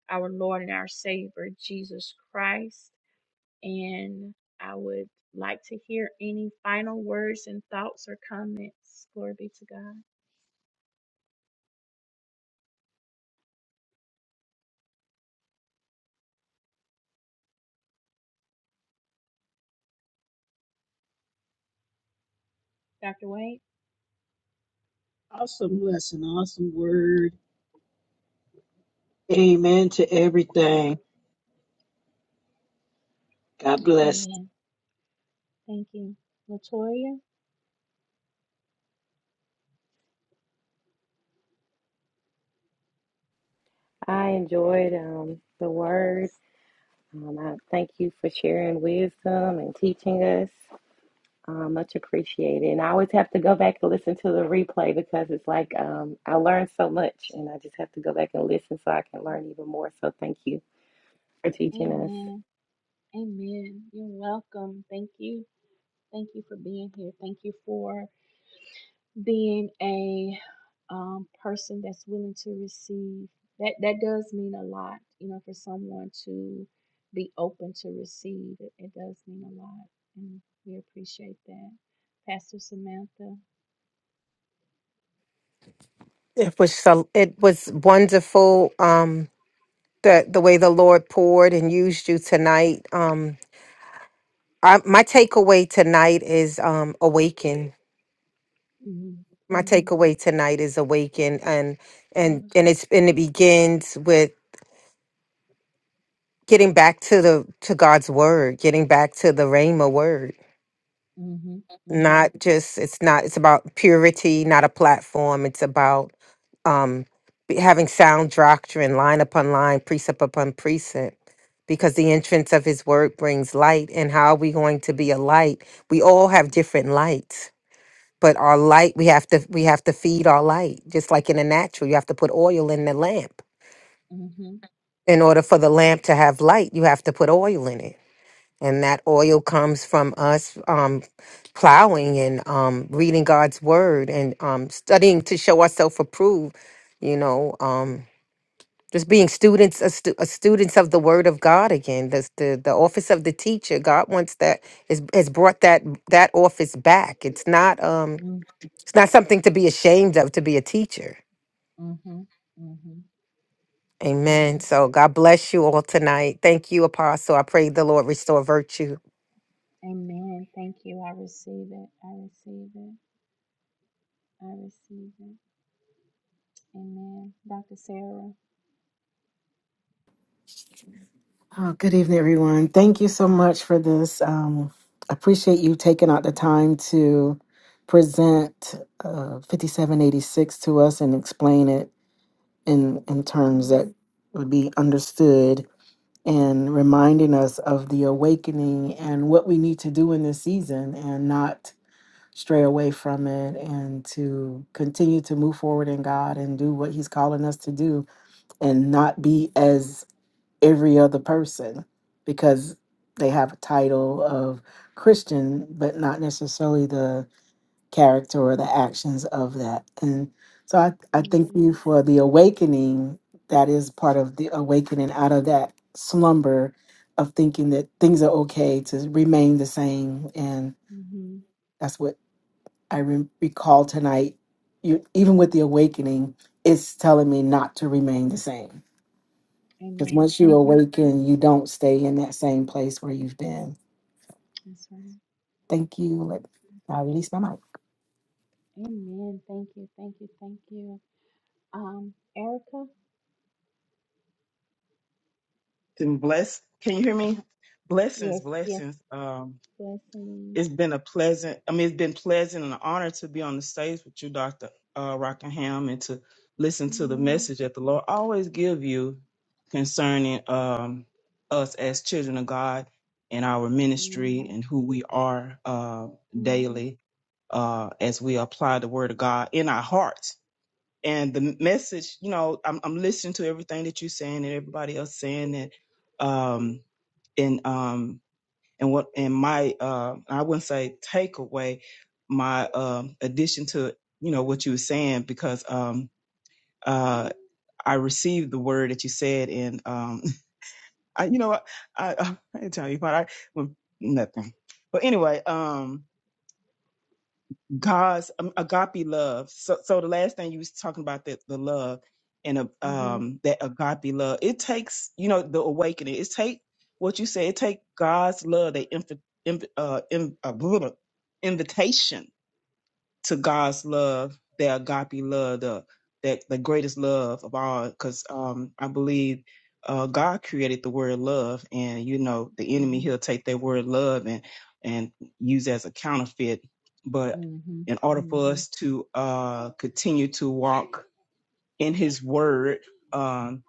Speaker 1: our Lord and our Savior, Jesus Christ. And I would like to hear any final words and thoughts or comments. Glory be to God. Dr. Wade?
Speaker 5: Awesome lesson, awesome word. Amen to everything. God bless.
Speaker 1: Amen. Thank you. Latoya?
Speaker 2: I enjoyed um, the word. Um, I thank you for sharing wisdom and teaching us. Um, much appreciated. And I always have to go back and listen to the replay because it's like um, I learned so much and I just have to go back and listen so I can learn even more. So thank you for teaching us.
Speaker 1: Amen. Amen. You're welcome. Thank you. Thank you for being here. Thank you for being a um, person that's willing to receive. That that does mean a lot, you know, for someone to be open to receive. It, it does mean a lot, and we appreciate that, Pastor Samantha.
Speaker 4: it was so it was wonderful um the the way the Lord poured and used you tonight. Um, I, my takeaway tonight is um awaken.
Speaker 1: Mhm.
Speaker 4: My
Speaker 1: Mhm.
Speaker 4: takeaway tonight is awaken, and and and it's and it begins with getting back to the to God's word, getting back to the Rhema word
Speaker 1: Mhm. Mhm.
Speaker 4: not just it's not it's about purity not a platform it's about um be- having sound doctrine line upon line precept upon precept because the entrance of his word brings light and how are we going to be a light we all have different lights but our light we have to we have to feed our light just like in the natural you have to put oil in the lamp
Speaker 1: Mhm.
Speaker 4: in order for the lamp to have light you have to put oil in it and that oil comes from us um, plowing and um, reading God's word and um, studying to show ourselves approved. You know, um, just being students, a stu- a students of the word of God again. That's the the office of the teacher. God wants that is has brought that that office back. It's not um
Speaker 1: Mhm.
Speaker 4: it's not something to be ashamed of to be a teacher.
Speaker 1: Mhm. Mhm. Mhm.
Speaker 4: Amen. So God bless you all tonight. Thank you, Apostle. I pray the Lord restore virtue.
Speaker 1: Amen. Thank you. I receive it. I receive it. I receive it. Amen. Dr. Sarah.
Speaker 3: Oh, good evening, everyone. Thank you so much for this. Um, I appreciate you taking out the time to present uh, 5786 to us and explain it in, in terms that
Speaker 1: Amen.
Speaker 3: would be understood. and reminding us of the awakening and what we need to do in this season and not stray away from it and to continue to move forward in God and do what he's calling us to do and not
Speaker 1: Mm-hmm.
Speaker 3: be as every other person because they have a title of Christian but not necessarily the character or the actions of that. And so I, I thank you
Speaker 1: Mm-hmm.
Speaker 3: for the awakening that is part of the awakening out of that slumber of thinking that things are okay to remain the same. And
Speaker 1: Mm-hmm.
Speaker 3: that's what I re- recall tonight. You, even with the awakening, it's telling me not to remain the same. Because
Speaker 1: Amen.
Speaker 3: once you
Speaker 1: Mm-hmm.
Speaker 3: awaken, you don't stay in that same place where you've been.
Speaker 1: That's right.
Speaker 3: Thank you. Let-
Speaker 1: That's
Speaker 3: I release my mic.
Speaker 1: right. Amen. Thank you. Thank you. Thank you. Um, Erica.
Speaker 8: and bless. Can you hear me? Blessings,
Speaker 1: Yes. Yes.
Speaker 8: blessings. Um,
Speaker 1: Blessings.
Speaker 8: it's been a pleasant. I mean, it's been pleasant and an honor to be on the stage with you, Doctor uh, Rockingham, and to listen to the
Speaker 1: Amen.
Speaker 8: message that the Lord always give you concerning um, us as children of God and our ministry
Speaker 1: Yes.
Speaker 8: and who we are uh,
Speaker 1: Mhm.
Speaker 8: daily uh, as we apply the Word of God in our hearts. And the message, you know, I'm, I'm listening to everything that you're saying and everybody else saying that. um, and um and what and my uh I wouldn't say takeaway my um addition to you know what you were saying because um uh I received the word that you said and um I you know I I, I didn't tell you but I well, nothing but anyway um God's um, agape love. So, so the last thing you was talking about that the love and uh,
Speaker 1: Mhm.
Speaker 8: um that agape love. It takes you know the awakening. It take what you said. It take God's love, that inv- inv- uh, in, uh, blah, blah, invitation to God's love, the agape love, the that the greatest love of all, because um, I believe uh, God created the word love, and you know the enemy
Speaker 1: Mhm.
Speaker 8: he'll take that word love and and use it as a counterfeit. But
Speaker 1: Mhm.
Speaker 8: in order for
Speaker 1: Mhm.
Speaker 8: us to uh, continue to walk in His word um,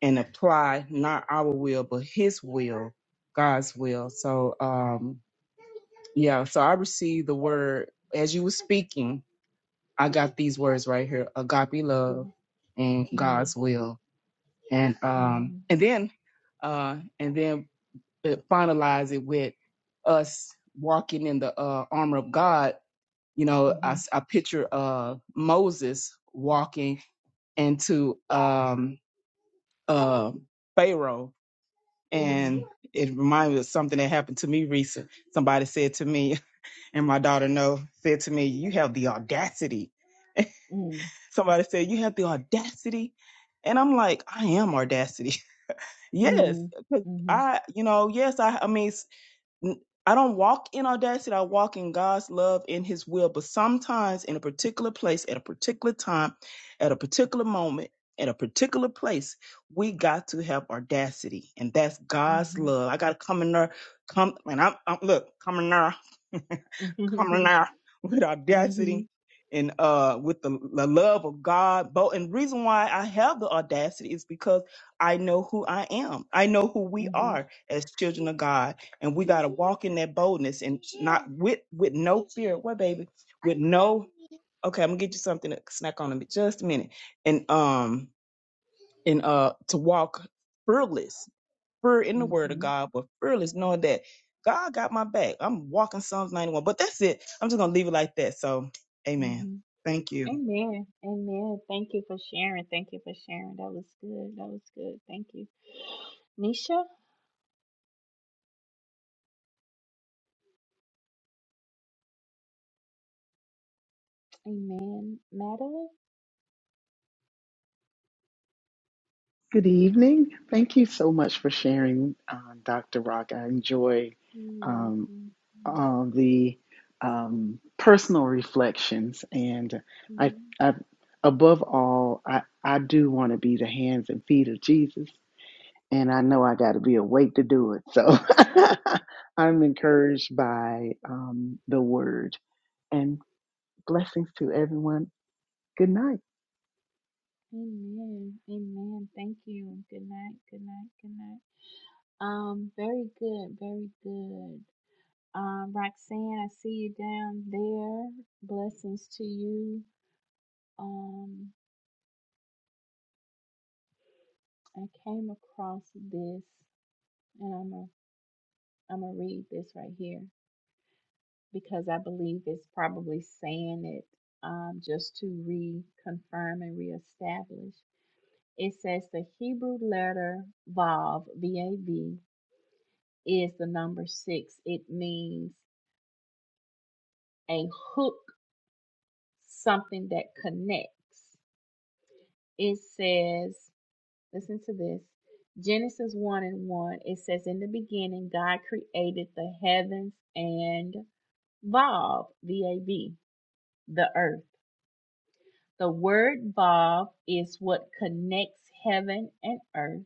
Speaker 8: and apply not our will but His will, God's will. So um, yeah, so I received the word as you were speaking I got these words right here: agape love
Speaker 1: Mhm.
Speaker 8: and
Speaker 1: Mhm.
Speaker 8: God's will, and um,
Speaker 1: Mhm.
Speaker 8: and then, uh, and then it finalize it with us walking in the uh, armor of God. You know, I I picture uh Moses walking into um uh Pharaoh,
Speaker 1: Mhm.
Speaker 8: and it reminded me of something that happened to me recent. Somebody said to me, and my daughter No said to me, "You have the audacity."
Speaker 1: Mhm.
Speaker 8: Somebody said, You have the audacity. And I'm like, I am audacity. yes. 'Cause
Speaker 1: Mhm.
Speaker 8: I, you know, yes, I, I mean, s- n- I don't walk in audacity. I walk in God's love, in His will. But sometimes in a particular place, at a particular time, at a particular moment, at a particular place, we got to have audacity. And that's God's
Speaker 1: Mhm.
Speaker 8: love. I got to come in there, come, and I'm, I'm look, coming there.
Speaker 1: Mhm.
Speaker 8: coming out with audacity
Speaker 1: Mhm.
Speaker 8: and uh with the, the love of God. But and reason why I have the audacity is because I know who I am. I know who we
Speaker 1: Mhm.
Speaker 8: are as children of God, and we gotta walk in that boldness and not with with no fear. What baby? With no okay, I'm gonna get you something to snack on in just a minute. And um and uh to walk fearless we in the word of
Speaker 1: Mhm.
Speaker 8: God, but fearless, knowing that God got my back. I'm walking Psalms 91. But that's it. I'm just gonna leave it like that. So amen.
Speaker 1: Mhm.
Speaker 8: Thank you.
Speaker 1: Amen. Amen. Thank you for sharing. Thank you for sharing. That was good. That was good. Thank you, Nisha. Amen. Madeline,
Speaker 6: Good evening. Thank you so much for sharing, um, Dr. Rock. I enjoy
Speaker 1: you're
Speaker 6: um,
Speaker 1: welcome.
Speaker 6: all the um, personal reflections, and I,
Speaker 1: Mhm.
Speaker 6: I, above all, I, I do want to be the hands and feet of Jesus, and I know I got to be awake to do it. So I'm encouraged by um, the Word, Blessings to everyone. Good night.
Speaker 1: Amen. Amen. Thank you. Good night. Good night. Good night. Um. Very good. Very good. Um. Roxanne, I see you down there. Blessings to you. Um. I came across this. and I'm. I'm gonna read this right here because I believe it's probably saying it um, just to reconfirm and reestablish. It says the Hebrew letter Vav, V A V, is the number six. It means a hook, something that connects. It says, listen to this Genesis 1 and 1. It says, In the beginning, God created the heavens and Vav, V A V, the earth. The word Vav is what connects heaven and earth.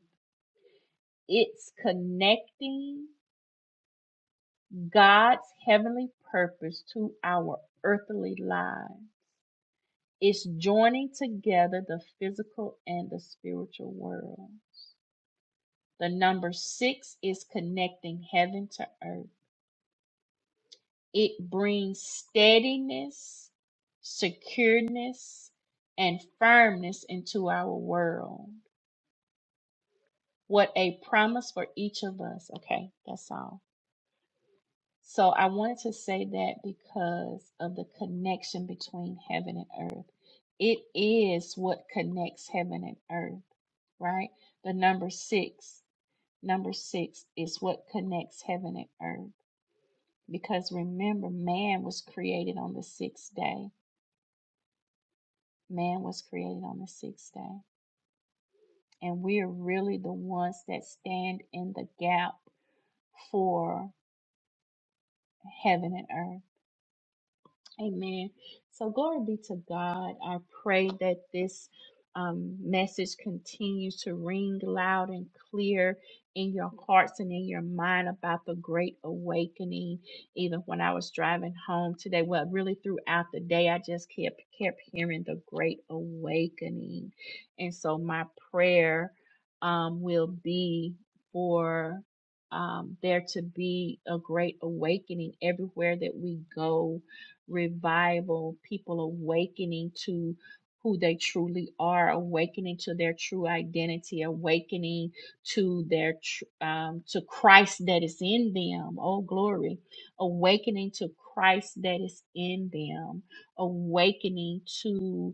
Speaker 1: It's connecting God's heavenly purpose to our earthly lives. It's joining together the physical and the spiritual worlds. The number six is connecting heaven to earth. It brings steadiness, secureness, and firmness into our world. What a promise for each of us. Okay, that's all. So I wanted to say that because of the connection between heaven and earth. It is what connects heaven and earth, right? The number six, number six is what connects heaven and earth. Because remember, man was created on the sixth day. Man was created on the sixth day. And we are really the ones that stand in the gap for heaven and earth Amen. So glory be to God. I pray that this um, message continues to ring loud and clear in your hearts and in your mind about the great awakening. Even when I was driving home today, well, really throughout the day, I just kept kept hearing the great awakening, and so my prayer um, will be for um, there to be a great awakening everywhere that we go revival, people awakening to who they truly are, awakening to their true identity, awakening to their tr- um, to Christ that is in them. Oh glory, awakening to Christ that is in them, awakening to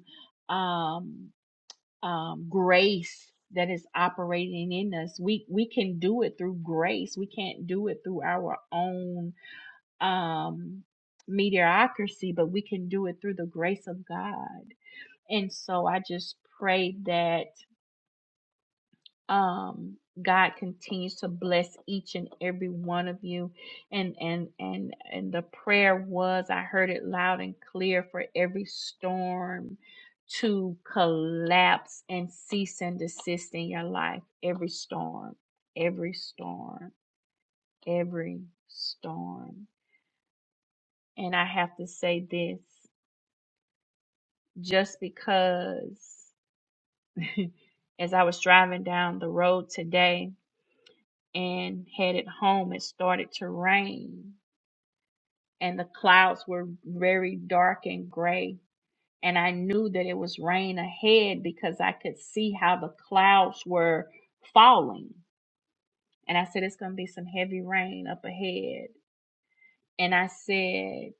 Speaker 1: um, um, grace that is operating in us. We we can do it through grace. We can't do it through our own um, mediocrity, but we can do it through the grace of God. And so I just pray that um, God continues to bless each and every one of you. And and and and the prayer was I heard it loud and clear for every storm to collapse and cease and desist in your life. Every storm, every storm, every storm. And I have to say this. just because as I was driving down the road today and headed home, it started to rain and the clouds were very dark and gray. And I knew that it was rain ahead because I could see how the clouds were falling. And I said, it's going to be some heavy rain up ahead. And I said,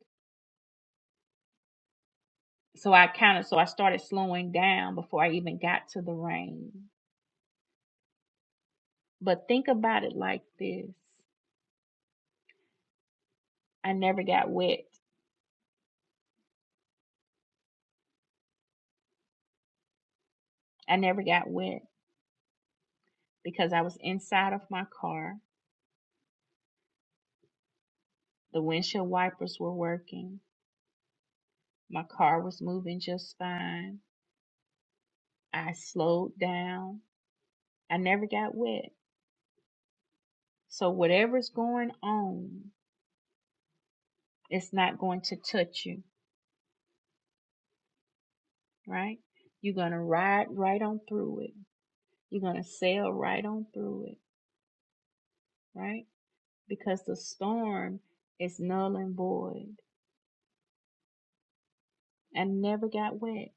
Speaker 1: so I counted, so I started slowing down before I even got to the rain. But think about it like this I never got wet. I never got wet because I was inside of my car. The windshield wipers were working. My car was moving just fine. I slowed down. I never got wet. So whatever's going on, it's not going to touch you, right? You're going to ride right on through it. You're going to sail right on through it, right? Because the storm is null and void. I never got wet.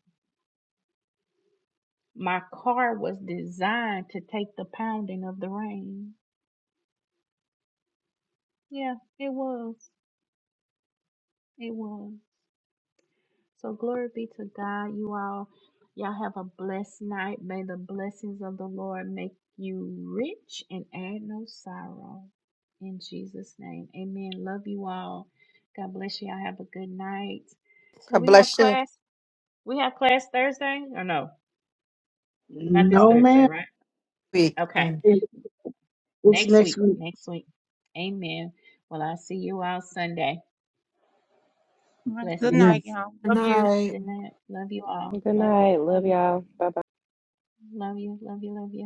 Speaker 1: My car was designed to take the pounding of the rain. Yeah, it was. It was. So glory be to God, you all. Y'all have a blessed night. May the blessings of the Lord make you rich and add no sorrow. In Jesus' name. Amen. Love you all. God bless you. Y'all have a good night. Do
Speaker 4: God
Speaker 1: we have
Speaker 4: bless you.
Speaker 1: class? We have class Thursday or no? Not this
Speaker 5: No,
Speaker 1: Thursday,
Speaker 5: man.
Speaker 1: right?
Speaker 4: Week.
Speaker 1: Okay.
Speaker 4: Mm.
Speaker 5: It's
Speaker 1: Next
Speaker 5: next
Speaker 1: week.
Speaker 5: week.
Speaker 1: Next week. Amen. Well, I'll see you all Sunday.
Speaker 9: All right. Good
Speaker 5: Amen.
Speaker 1: Blessings.
Speaker 9: night, y'all.
Speaker 3: Good
Speaker 9: Love you.
Speaker 3: night.
Speaker 1: Good night. Love you all.
Speaker 2: Good
Speaker 1: Love you.
Speaker 2: night. Love
Speaker 1: Love you.
Speaker 2: y'all. Bye bye.
Speaker 1: Love you. Love you. Love you.